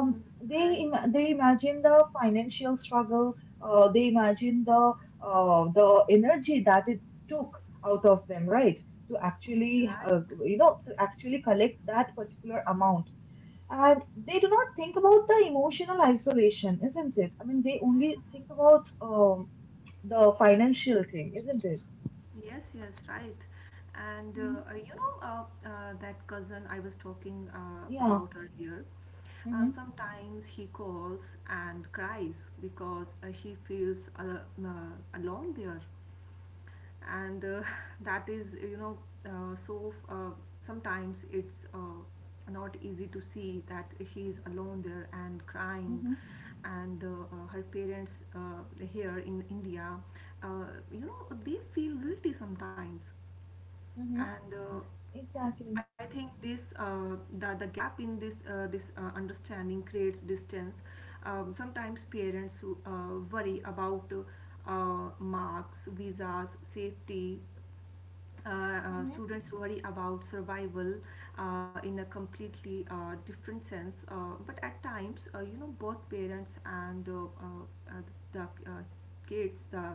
Speaker 2: Mm,
Speaker 1: they
Speaker 2: right.
Speaker 1: They imagine the financial struggle, they imagine the energy that it took out of them, right? To actually
Speaker 2: Right.
Speaker 1: you know, to actually collect that particular amount. And they do not think about the emotional isolation, isn't it? I mean, they only
Speaker 2: Mm.
Speaker 1: think about the financial thing, isn't it?
Speaker 2: Yes, yes, right. And
Speaker 1: Mhm.
Speaker 2: you know, that cousin I was talking
Speaker 1: Yeah.
Speaker 2: about earlier.
Speaker 1: Hmm.
Speaker 2: Sometimes he calls and cries because she feels al alone there. And that is, you know, uh, so uh, sometimes it's not easy to see that she is alone there and crying.
Speaker 1: Hmm.
Speaker 2: And her parents here in India, uh, you know, they feel guilty sometimes.
Speaker 1: Hmm.
Speaker 2: And
Speaker 1: Exactly.
Speaker 2: I think this the gap in this understanding creates distance. Sometimes parents who worry about marks, visas, safety.
Speaker 1: Hmm.
Speaker 2: Students worry about survival in a completely different sense. But at times, you know, both parents and the uh, kids,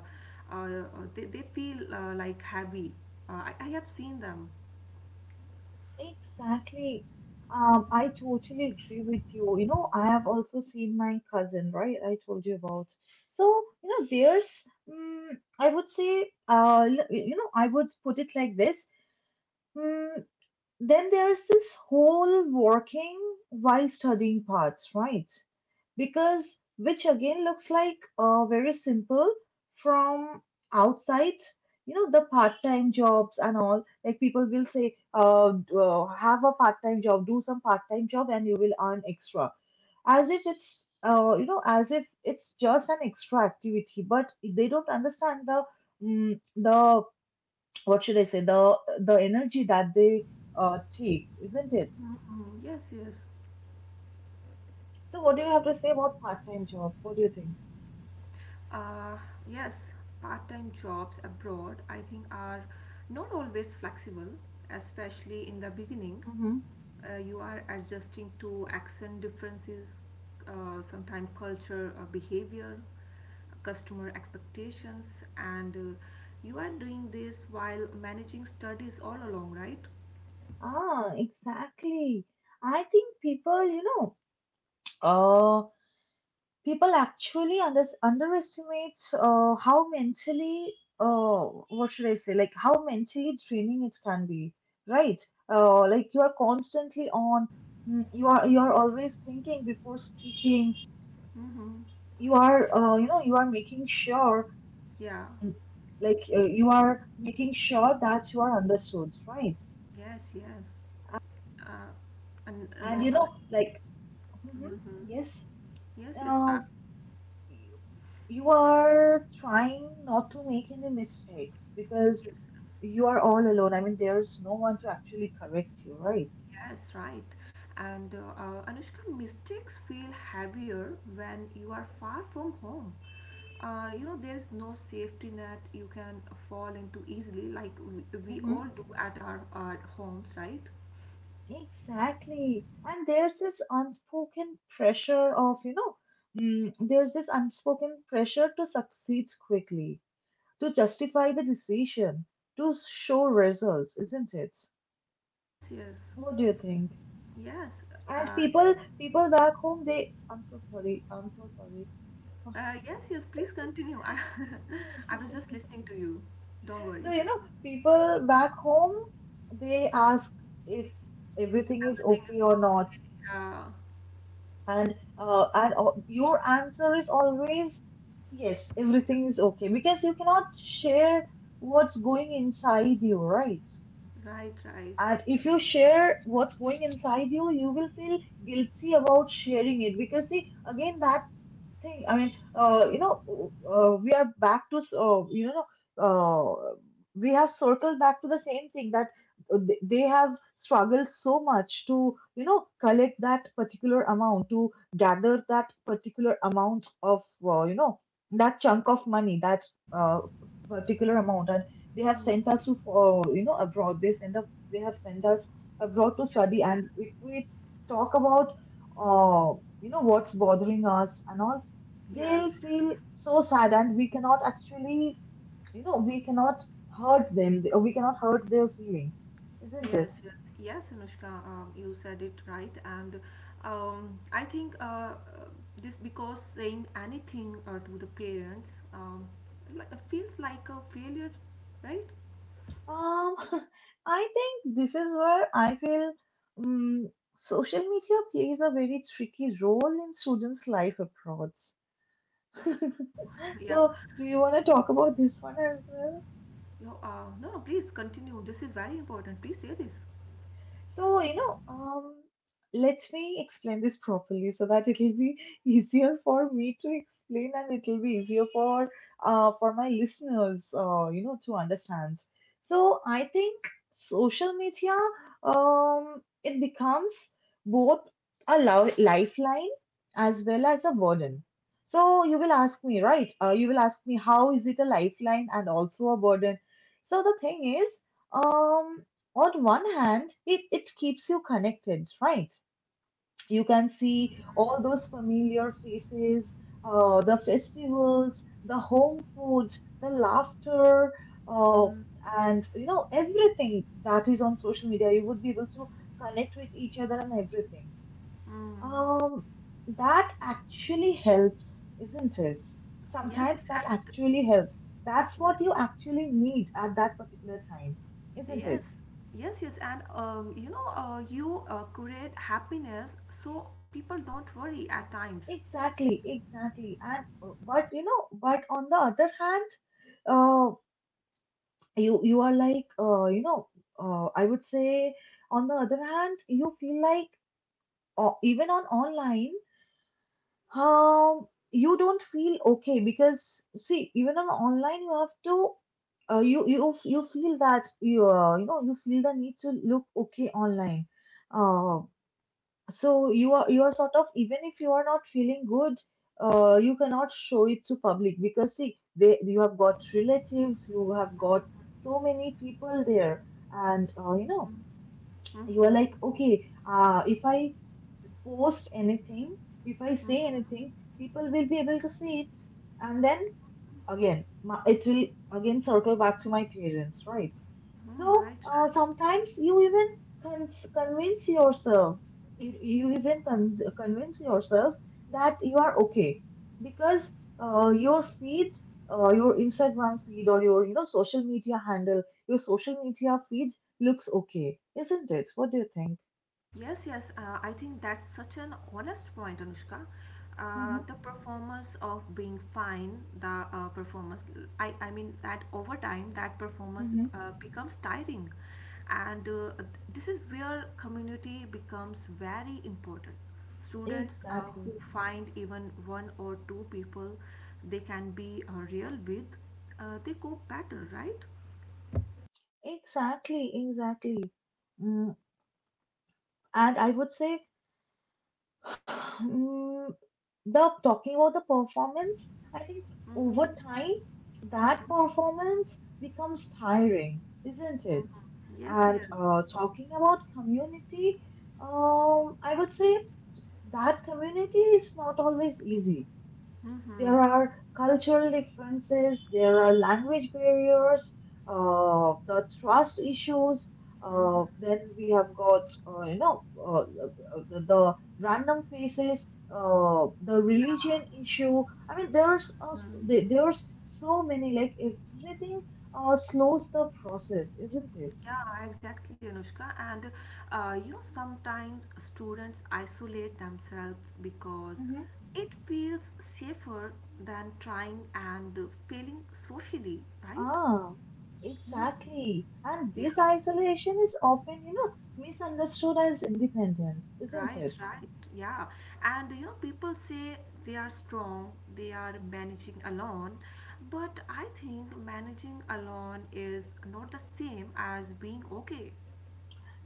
Speaker 2: uh, they feel like heavy. I have seen them.
Speaker 1: Exactly. I totally agree with you. You know, I have also seen my cousin, right? I told you about. So, you know, there's, I would say, you know, I would put it like this. Mm, then there's this whole working while studying parts, right? Because which again looks like very simple from outside, you know, the part-time jobs and all. Like people will say, have a part-time job, do some part-time job, and you will earn extra, as if it's you know, as if it's just an extra activity. But they don't understand the the what should I say, the energy that they take, isn't it?
Speaker 2: Yes, yes.
Speaker 1: So, what do you have to say about part-time job? What do you think?
Speaker 2: Uh, yes, part time jobs abroad, I think, are not always flexible, especially in the beginning.
Speaker 1: Mm-hmm.
Speaker 2: You are adjusting to accent differences, sometimes culture, behavior, customer expectations, and you are doing this while managing studies all along, right?
Speaker 1: Ah, exactly. I think people, you know, uh, people actually underestimate how mentally, uh, what should I say, like how mentally draining it can be, right? Like you are constantly on, you are always thinking before speaking. You are, you know, you are making sure
Speaker 2: Yeah,
Speaker 1: mm, like you are making sure that you are understood, right?
Speaker 2: yes, yes. And
Speaker 1: And
Speaker 2: no,
Speaker 1: you know, like, mhm, yes,
Speaker 2: yes, yes,
Speaker 1: uh, you you are trying not to make any mistakes because
Speaker 2: yes.
Speaker 1: you are all alone. I mean, there's no one to actually correct you, right?
Speaker 2: Yes, right. And Anushka, mistakes feel heavier when you are far from home. You know, there's no safety net you can fall into easily, like we
Speaker 1: Hmm.
Speaker 2: all do at our homes, right?
Speaker 1: Exactly. And there's this unspoken pressure of, you know, there's this unspoken pressure to succeed quickly, to justify the decision, to show results, isn't it?
Speaker 2: Yes, yes,
Speaker 1: What do you think?
Speaker 2: yes.
Speaker 1: And
Speaker 2: Uh,
Speaker 1: people, people back home, they, I'm so sorry, I'm so sorry.
Speaker 2: yes, yes, please continue. I was just listening to you. Don't
Speaker 1: So,
Speaker 2: worry.
Speaker 1: you know, people back home, they ask if everything is
Speaker 2: Everything is
Speaker 1: okay or not.
Speaker 2: okay. Uh,
Speaker 1: And your answer is always yes, everything is okay because you cannot share what's going inside you, right?
Speaker 2: right, right.
Speaker 1: And if you share what's going inside you, you will feel guilty about sharing it because see, again, that thing. I mean, we are back to, uh, we have circled back to the same thing that they have struggled so much to, you know, collect that particular amount, to gather that particular amount of, you know, that chunk of money, that uh, particular amount. And they have
Speaker 2: Mm,
Speaker 1: sent us to, you know, abroad. They have sent us abroad to
Speaker 2: yes,
Speaker 1: study.
Speaker 2: yes.
Speaker 1: And if we talk about, uh, you know, what's bothering us and all,
Speaker 2: Yes,
Speaker 1: they'll
Speaker 2: yes.
Speaker 1: feel so sad and we cannot actually you know we cannot hurt them or we cannot hurt their feelings, isn't
Speaker 2: Yes,
Speaker 1: it?
Speaker 2: yes, yes, Anushka, you said it right, and I think uh, this because saying anything to the parents, like, feels like a failure, right?
Speaker 1: um I think this is where I feel um, social media plays a very tricky role in students life abroad.
Speaker 2: Oh, yeah.
Speaker 1: So do you want to talk about this one as well?
Speaker 2: No, no, no, please continue. This is very important. Please say this.
Speaker 1: So, you know, let me explain this properly so that it will be easier for me to explain and it will be easier for my listeners, you know, to understand. So, I think social media, it becomes both lifeline as well as a burden. So, you will ask me, right? You will ask me, how is it a lifeline and also a burden? So, the thing is, um, on one hand, it keeps you connected, right? You can see all those familiar faces, the festivals, the home food, the laughter, uh, and you know, everything that is on social media. You would be able to connect with each other and everything.
Speaker 2: Mm,
Speaker 1: Um, that actually helps, isn't it?
Speaker 2: yes,
Speaker 1: Sometimes that
Speaker 2: yes,
Speaker 1: actually helps. That's
Speaker 2: and
Speaker 1: what you actually need at that particular time, isn't
Speaker 2: yes,
Speaker 1: it?
Speaker 2: yes, yes, and you know, you create happiness so people don't worry at times.
Speaker 1: Exactly, exactly. And but you know, but on the other hand, uh, you are like I would say on the other hand, you feel like even on online, you don't feel okay because see, even on online, you have to. You feel that you know, you feel the need to look okay online, uh, so you are sort of even if you are not feeling good, you cannot show it to public because see, they, you have got relatives, you have got so many people there, and you know, you are like okay, if I post anything, if I say anything, people will be able to see it, and then again my, it will again circle back to my parents, right? So
Speaker 2: Mm, right.
Speaker 1: sometimes you even convince yourself, you even convince yourself that you are okay because your feed, your Instagram feed or your you know social media handle, your social media feed looks okay, isn't it? What do you think?
Speaker 2: Yes, yes, I think that's such an honest point, Anushka.
Speaker 1: Mm-hmm,
Speaker 2: The performance of being fine, the performance, I mean, that over time, that performance
Speaker 1: mm-hmm.
Speaker 2: becomes tiring. And this is where community becomes very important. Students
Speaker 1: Exactly,
Speaker 2: who find even one or two people they can be real with, they cope better, right?
Speaker 1: exactly, exactly. Mm, and I would say Mm, the talking about the performance, I think over time that performance becomes tiring, isn't it?
Speaker 2: Yes,
Speaker 1: And
Speaker 2: yes.
Speaker 1: uh, talking about community, I would say that community is not always easy. There
Speaker 2: Mm-hmm.
Speaker 1: are cultural differences, there are language barriers, the trust issues.
Speaker 2: Mm-hmm.
Speaker 1: Then we have got, uh, you know, uh, the random faces, the
Speaker 2: Yeah.
Speaker 1: religion issue. I mean, there's a,
Speaker 2: Mm.
Speaker 1: there's so many. Like everything slows the process, isn't it?
Speaker 2: Yeah, exactly, Anushka. And sometimes students isolate themselves because
Speaker 1: Hmm.
Speaker 2: it feels safer than trying and failing socially, right?
Speaker 1: Ah, exactly. And
Speaker 2: Yeah,
Speaker 1: this isolation is often, you know, misunderstood as independence, isn't
Speaker 2: right,
Speaker 1: it?
Speaker 2: right. Yeah. And you know, people say they are strong, they are managing alone, but I think managing alone is not the same as being okay.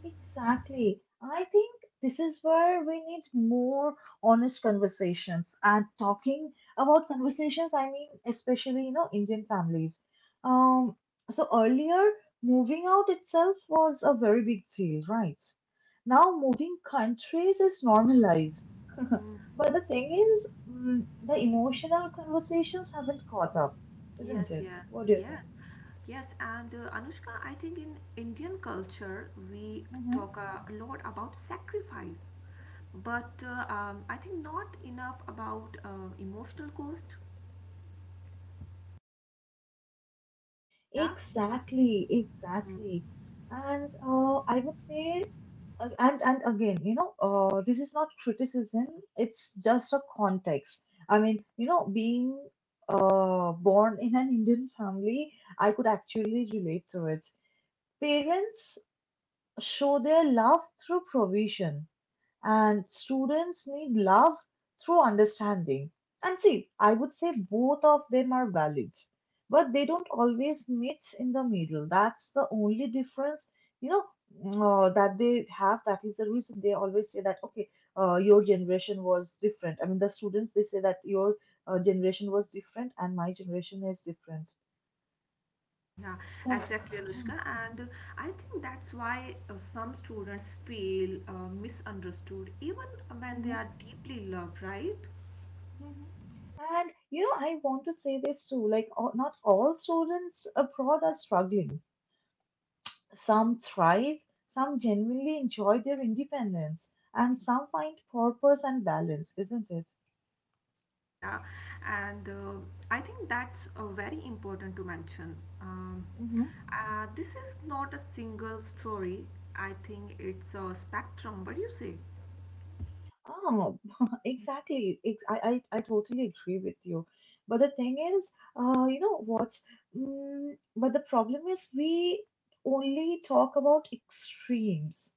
Speaker 1: Exactly. I think this is where we need more honest conversations. And talking about conversations, I mean, especially, you know, Indian families. Um, so earlier, moving out itself was a very big deal, right? Now, moving countries is normalized. But the thing is, the emotional conversations haven't caught up, isn't
Speaker 2: Yes,
Speaker 1: it?
Speaker 2: yes,
Speaker 1: What do you
Speaker 2: yes,
Speaker 1: think?
Speaker 2: yes. And Anushka, I think in Indian culture we
Speaker 1: Mm-hmm.
Speaker 2: talk a lot about sacrifice, but I think not enough about emotional cost. Yeah,
Speaker 1: Exactly, exactly. And I would say, and again, you know, this is not criticism. It's just a context. I mean, you know, being born in an Indian family, I could actually relate to it. Parents show their love through provision and students need love through understanding. And see, I would say both of them are valid, but they don't always meet in the middle. That's the only difference, you know, that they have. That is the reason they always say that, okay, your generation was different. I mean, the students, they say that your generation was different and my generation is different.
Speaker 2: yeah,
Speaker 1: That's,
Speaker 2: exactly, Anushka. And I think that's why some students feel misunderstood, even when they are deeply loved, right?
Speaker 1: Mhm. And you know, I want to say this too, like, not all students abroad are struggling. Some thrive, some genuinely enjoy their independence, and some find purpose and balance, isn't it?
Speaker 2: Yeah, yeah. And I think that's very important to mention. Um,
Speaker 1: Mm-hmm.
Speaker 2: this is not a single story. I think it's a spectrum. What do you say?
Speaker 1: Oh, exactly. I totally agree with you. But the thing is, you know what? But the problem is, we only talk about extremes.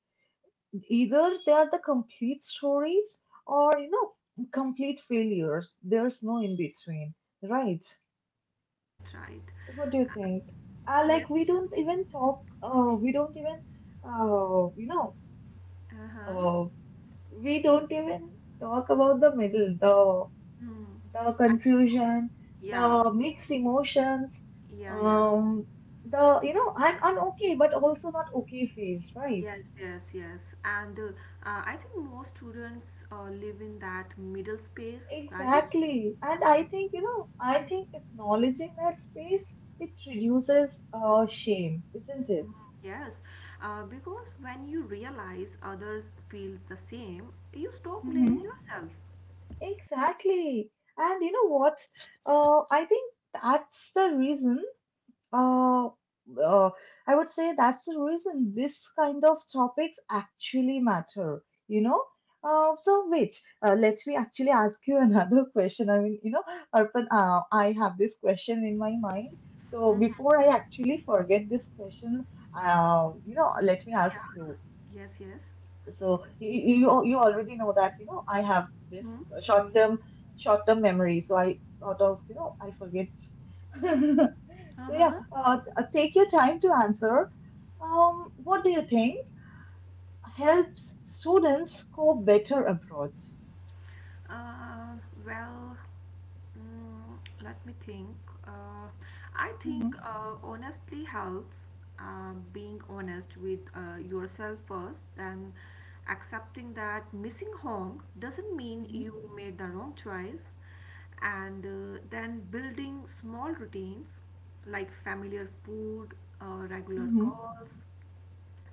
Speaker 1: Either they are the complete stories or, you know, complete failures. There's no in between, right?
Speaker 2: Right, right.
Speaker 1: What do you think?
Speaker 2: Yes.
Speaker 1: Like we don't even talk. We don't even. You know.
Speaker 2: Uh-huh.
Speaker 1: Uh, we don't even talk about the middle,
Speaker 2: Hmm.
Speaker 1: the
Speaker 2: I,
Speaker 1: confusion,
Speaker 2: yeah,
Speaker 1: the mixed emotions,
Speaker 2: yeah, yeah.
Speaker 1: um, the you know I'm okay, but also not okay phase, right?
Speaker 2: Yes, yes, yes. And I think most students live in that middle space, right?
Speaker 1: Exactly. And I think, you know, I think acknowledging that space, it reduces shame, isn't it?
Speaker 2: Mm, yes, because when you realize others feel the same, you stop blaming
Speaker 1: Hmm.
Speaker 2: yourself.
Speaker 1: Exactly. And you know what? I think that's the reason Uh, uh, I would say that's the reason this kind of topics actually matter, you know. So wait, let me actually ask you another question. I mean, you know, Arpan, I have this question in my mind. So before I actually forget this question, let me ask
Speaker 2: Yeah.
Speaker 1: you.
Speaker 2: Yes, yes.
Speaker 1: So you already know that I have this
Speaker 2: Hmm.
Speaker 1: short term short term memory, so I sort of I forget. So yeah,
Speaker 2: Uh-huh.
Speaker 1: take your time to answer. What do you think helps students cope better abroad?
Speaker 2: Uh, well, let me think. Uh, I think honestly helps. Being honest with yourself first and accepting that missing home doesn't mean
Speaker 1: Mm-hmm.
Speaker 2: you made the wrong choice. And then building small routines like familiar food, regular
Speaker 1: Mm-hmm.
Speaker 2: calls,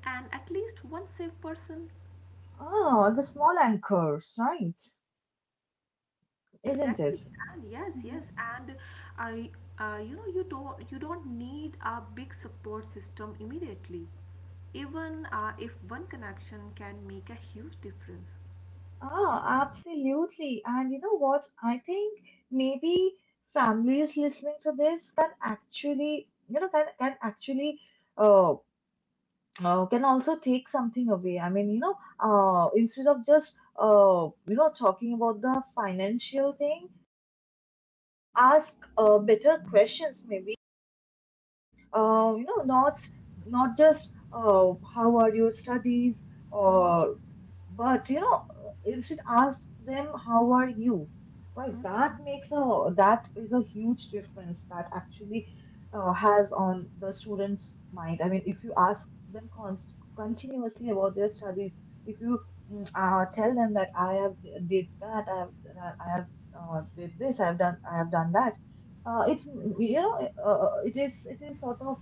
Speaker 2: and at least one safe person.
Speaker 1: Ah, the small anchors, right?
Speaker 2: Yeah,
Speaker 1: Isn't it?
Speaker 2: exactly. And yes, yes, and I, you don't need a big support system immediately. Even if one connection can make a huge difference.
Speaker 1: Ah, absolutely. And you know what? I think maybe families listening to this can actually, can actually uh, can also take something away. I mean, instead of just talking about the financial thing, ask better questions maybe. Uh, you know, not not just, how are your studies, or, but instead ask them, how are you? Right, that is a huge difference that actually has on the students' mind. I mean, if you ask them continuously about their studies, if you tell them that I have did that, I have did this, I have done that, it it is sort of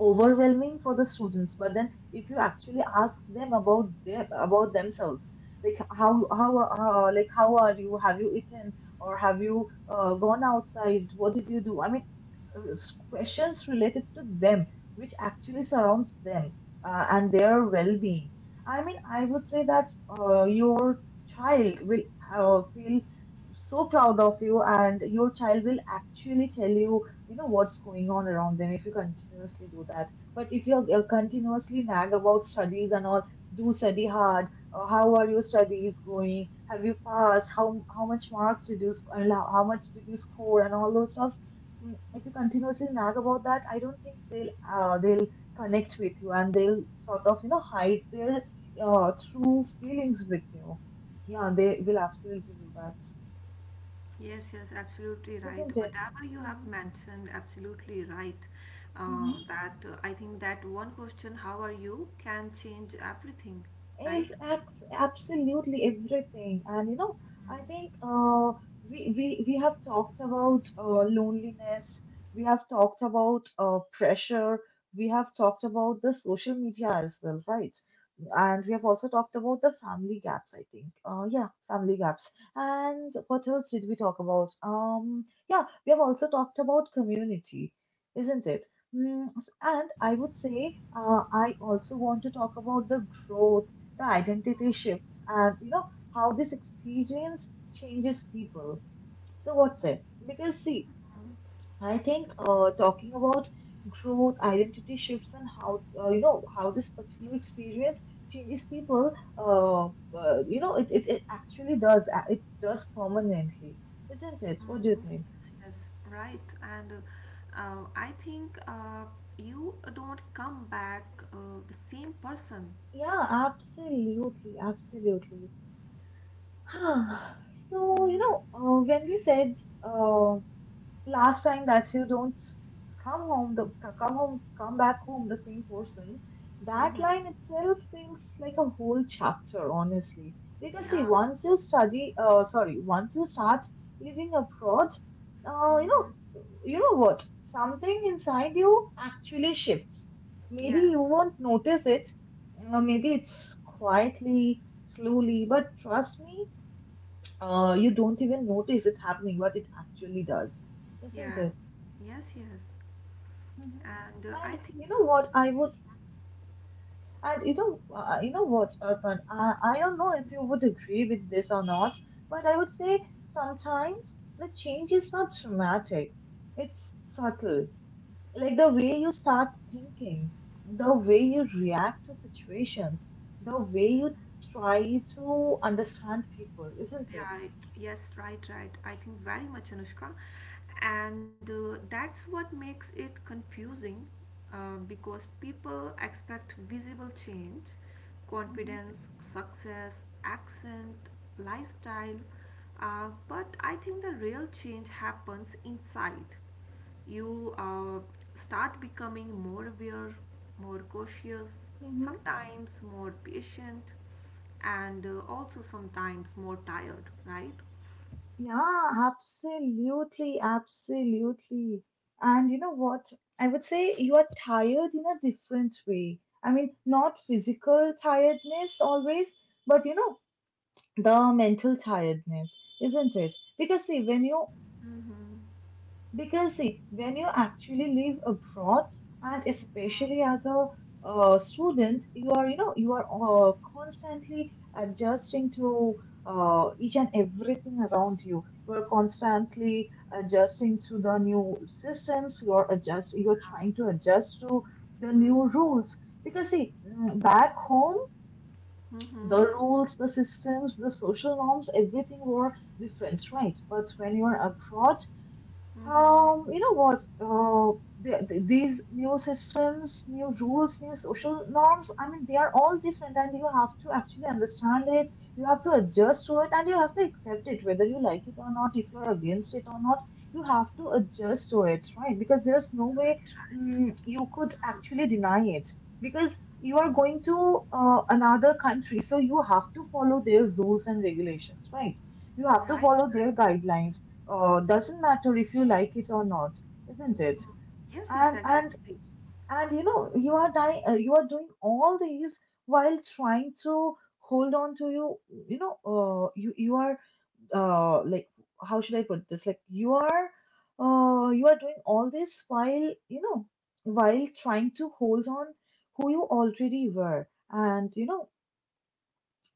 Speaker 1: overwhelming for the students. But then if you actually ask them about their about themselves, like how are you, have you eaten, or have you gone outside, what did you do? I mean, questions related to them, which actually surrounds them, and their well-being. I mean, I would say that your child will feel so proud of you, and your child will actually tell you you know what's going on around them, if you continuously do that. But if you continuously nag about studies and all, do study hard, how are your studies going, have you passed, how much marks did you and how much did you score, and all those stuff. If you continuously nag about that, I don't think they'll connect with you, and they'll sort of hide their true feelings with you. Yeah, they will absolutely do that,
Speaker 2: Yes, yes, absolutely right.
Speaker 1: isn't it?
Speaker 2: Whatever you have
Speaker 1: Mm-hmm.
Speaker 2: mentioned, absolutely right.
Speaker 1: Mm-hmm.
Speaker 2: That I think that one question, how are you, can change everything, right?
Speaker 1: If absolutely everything, and you know, I think we have talked about loneliness, we have talked about pressure, we have talked about the social media as well, right? And we have also talked about the family gaps, I think. Yeah, family gaps. And what else did we talk about? Yeah, we have also talked about community, isn't it? And I would say I also want to talk about the growth, the identity shifts, and you know how this experience changes people. So what's it? Because see, I think talking about growth, identity shifts, and how, you know how this particular experience changes people, uh, it actually does, it does permanently, isn't it? What do you think?
Speaker 2: Yes, right. And I think you don't come back uh, the same person.
Speaker 1: Yeah, absolutely, absolutely. So
Speaker 2: Mm.
Speaker 1: when we said uh, last time that you don't come home the come back home the same person, that
Speaker 2: Mm-hmm.
Speaker 1: line itself feels like a whole chapter, honestly. Because see,
Speaker 2: Yeah.
Speaker 1: once you start living abroad,
Speaker 2: Mm-hmm.
Speaker 1: you know what, something inside you actually shifts. Maybe
Speaker 2: Yes.
Speaker 1: you won't notice it. Maybe it's quietly, slowly, but trust me, you don't even notice it happening, but it actually does, isn't
Speaker 2: Yeah.
Speaker 1: it?
Speaker 2: Yes, yes.
Speaker 1: Mhm.
Speaker 2: And I
Speaker 1: And
Speaker 2: think.
Speaker 1: you know what I would, and you know, You know what, Urban, I don't know if you would agree with this or not, but I would say sometimes the change is not dramatic. It's subtle, like the way you start thinking, the way you react to situations, the way you try to understand people, isn't it?
Speaker 2: Right. Yes, right, right. I think very much, Anushka. And that's what makes it confusing because people expect visible change,
Speaker 1: Mm-hmm.
Speaker 2: confidence, success, accent, lifestyle. But I think the real change happens inside you. Start becoming more aware, more cautious, sometimes more patient, and also sometimes more tired, right?
Speaker 1: Yeah, absolutely, absolutely. And you know what? I would say you are tired in a different way. I mean, not physical tiredness always, but the mental tiredness, isn't it? Because see, when you because see, when you actually live abroad, and especially as a student, you are constantly adjusting to each and everything around you. You are constantly adjusting to the new systems. You are trying to adjust to the new
Speaker 2: Mm-hmm.
Speaker 1: rules. Because see, back home,
Speaker 2: Mm-hmm.
Speaker 1: the rules, the systems, the social norms, everything were different, right? But when you are abroad,
Speaker 2: Mm-hmm.
Speaker 1: you know what? These new systems, new rules, new social norms, I mean, they are all different, and you have to actually understand it. You have to adjust to it, and you have to accept it, whether you like it or not. If you're against it or not, you have to adjust to it, right? Because there's no way you could actually deny it, because you are going to another country, so you have to follow their rules and regulations, right? You have
Speaker 2: Right.
Speaker 1: to follow their guidelines, doesn't matter if you like it or not, isn't it?
Speaker 2: Yes, yes,
Speaker 1: And and
Speaker 2: exactly.
Speaker 1: and you are dying, you are doing all these while trying to hold on to you. You know, you are, like, how should I put this? Like you are doing all this while while trying to hold on who you already were. And you know,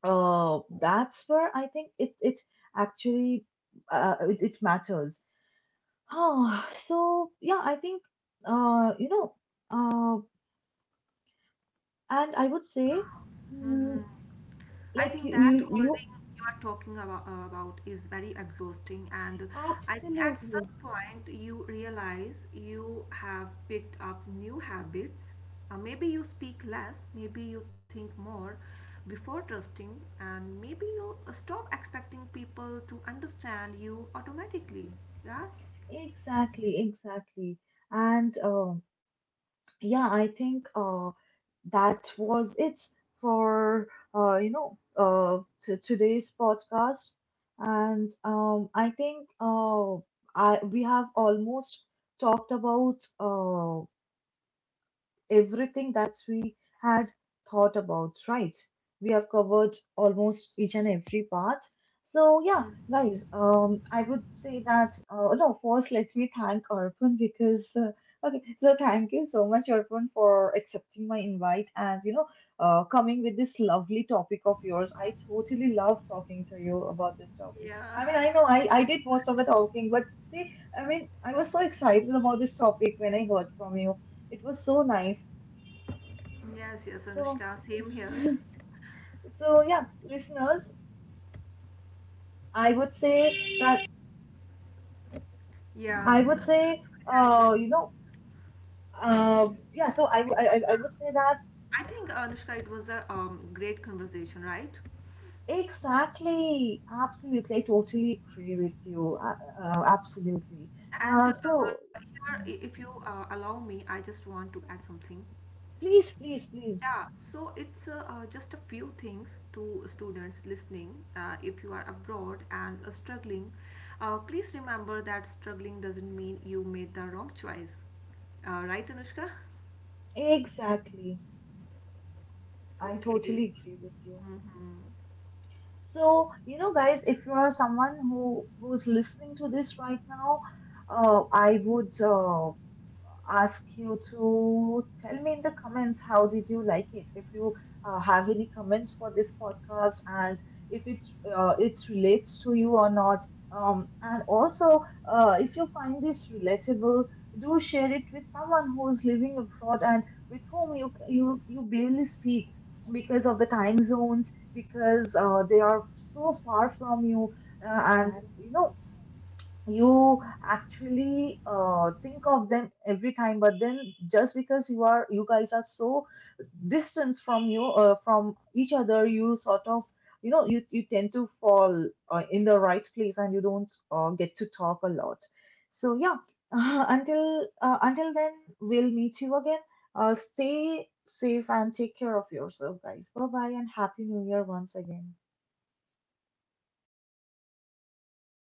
Speaker 1: that's where I think it actually it matters. Oh, so yeah, I think uh, you know, uh, and I would say, mm,
Speaker 2: I
Speaker 1: like
Speaker 2: think
Speaker 1: you,
Speaker 2: that
Speaker 1: you, you
Speaker 2: holding you are talking about is very exhausting, and I think at
Speaker 1: absolutely,
Speaker 2: some point you realize you have picked up new habits. Maybe you speak less, maybe you think more before trusting, and maybe you stop expecting people to understand you automatically. Yeah,
Speaker 1: exactly, exactly, and yeah, I think that was it for, uh, you know, uh, to today's podcast, and I think I we have almost talked about everything that we had thought about, right? We have covered almost each and every part. So yeah, guys, I would say that, no, first let me thank Arpan, because okay, so thank you so much, Arpan, for accepting my invite, and you know, coming with this lovely topic of yours. I totally love talking to you about this topic.
Speaker 2: yeah,
Speaker 1: I mean, I know I did most of the talking, but see, I mean, I was so excited about this topic when I heard from you, it was so nice.
Speaker 2: yes, yes,
Speaker 1: So,
Speaker 2: Anushka, same here.
Speaker 1: so yeah, listeners, I would say that
Speaker 2: Yes,
Speaker 1: I would say,
Speaker 2: yes, yes.
Speaker 1: yeah. So I
Speaker 2: It
Speaker 1: I I
Speaker 2: was.
Speaker 1: I would say that
Speaker 2: I think, Anushka, it was a great conversation, right?
Speaker 1: exactly, absolutely. I totally agree with you. Absolutely.
Speaker 2: And
Speaker 1: So
Speaker 2: here, if you allow me, I just want to add something.
Speaker 1: please, please, please.
Speaker 2: Yeah, so it's just a few things to students listening. If you are abroad and struggling, please remember that struggling doesn't mean you made the wrong choice. Right, Anushka?
Speaker 1: Exactly. I
Speaker 2: Okay.
Speaker 1: totally agree with you.
Speaker 2: Hmm.
Speaker 1: So, guys, if you are someone who's listening to this right now, I would ask you to tell me in the comments how did you like it, if you have any comments for this podcast, and if it relates to you or not, and also, if you find this relatable, do share it with someone who's living abroad, and with whom you barely speak, because of the time zones, because they are so far from you, and you actually think of them every time, but then, just because you guys are so distant from each other, you sort of you tend to fall, in the right place, and you don't get to talk a lot. So yeah, until then, we'll meet you again. Stay safe and take care of yourself, guys. Bye bye, and happy new year once again.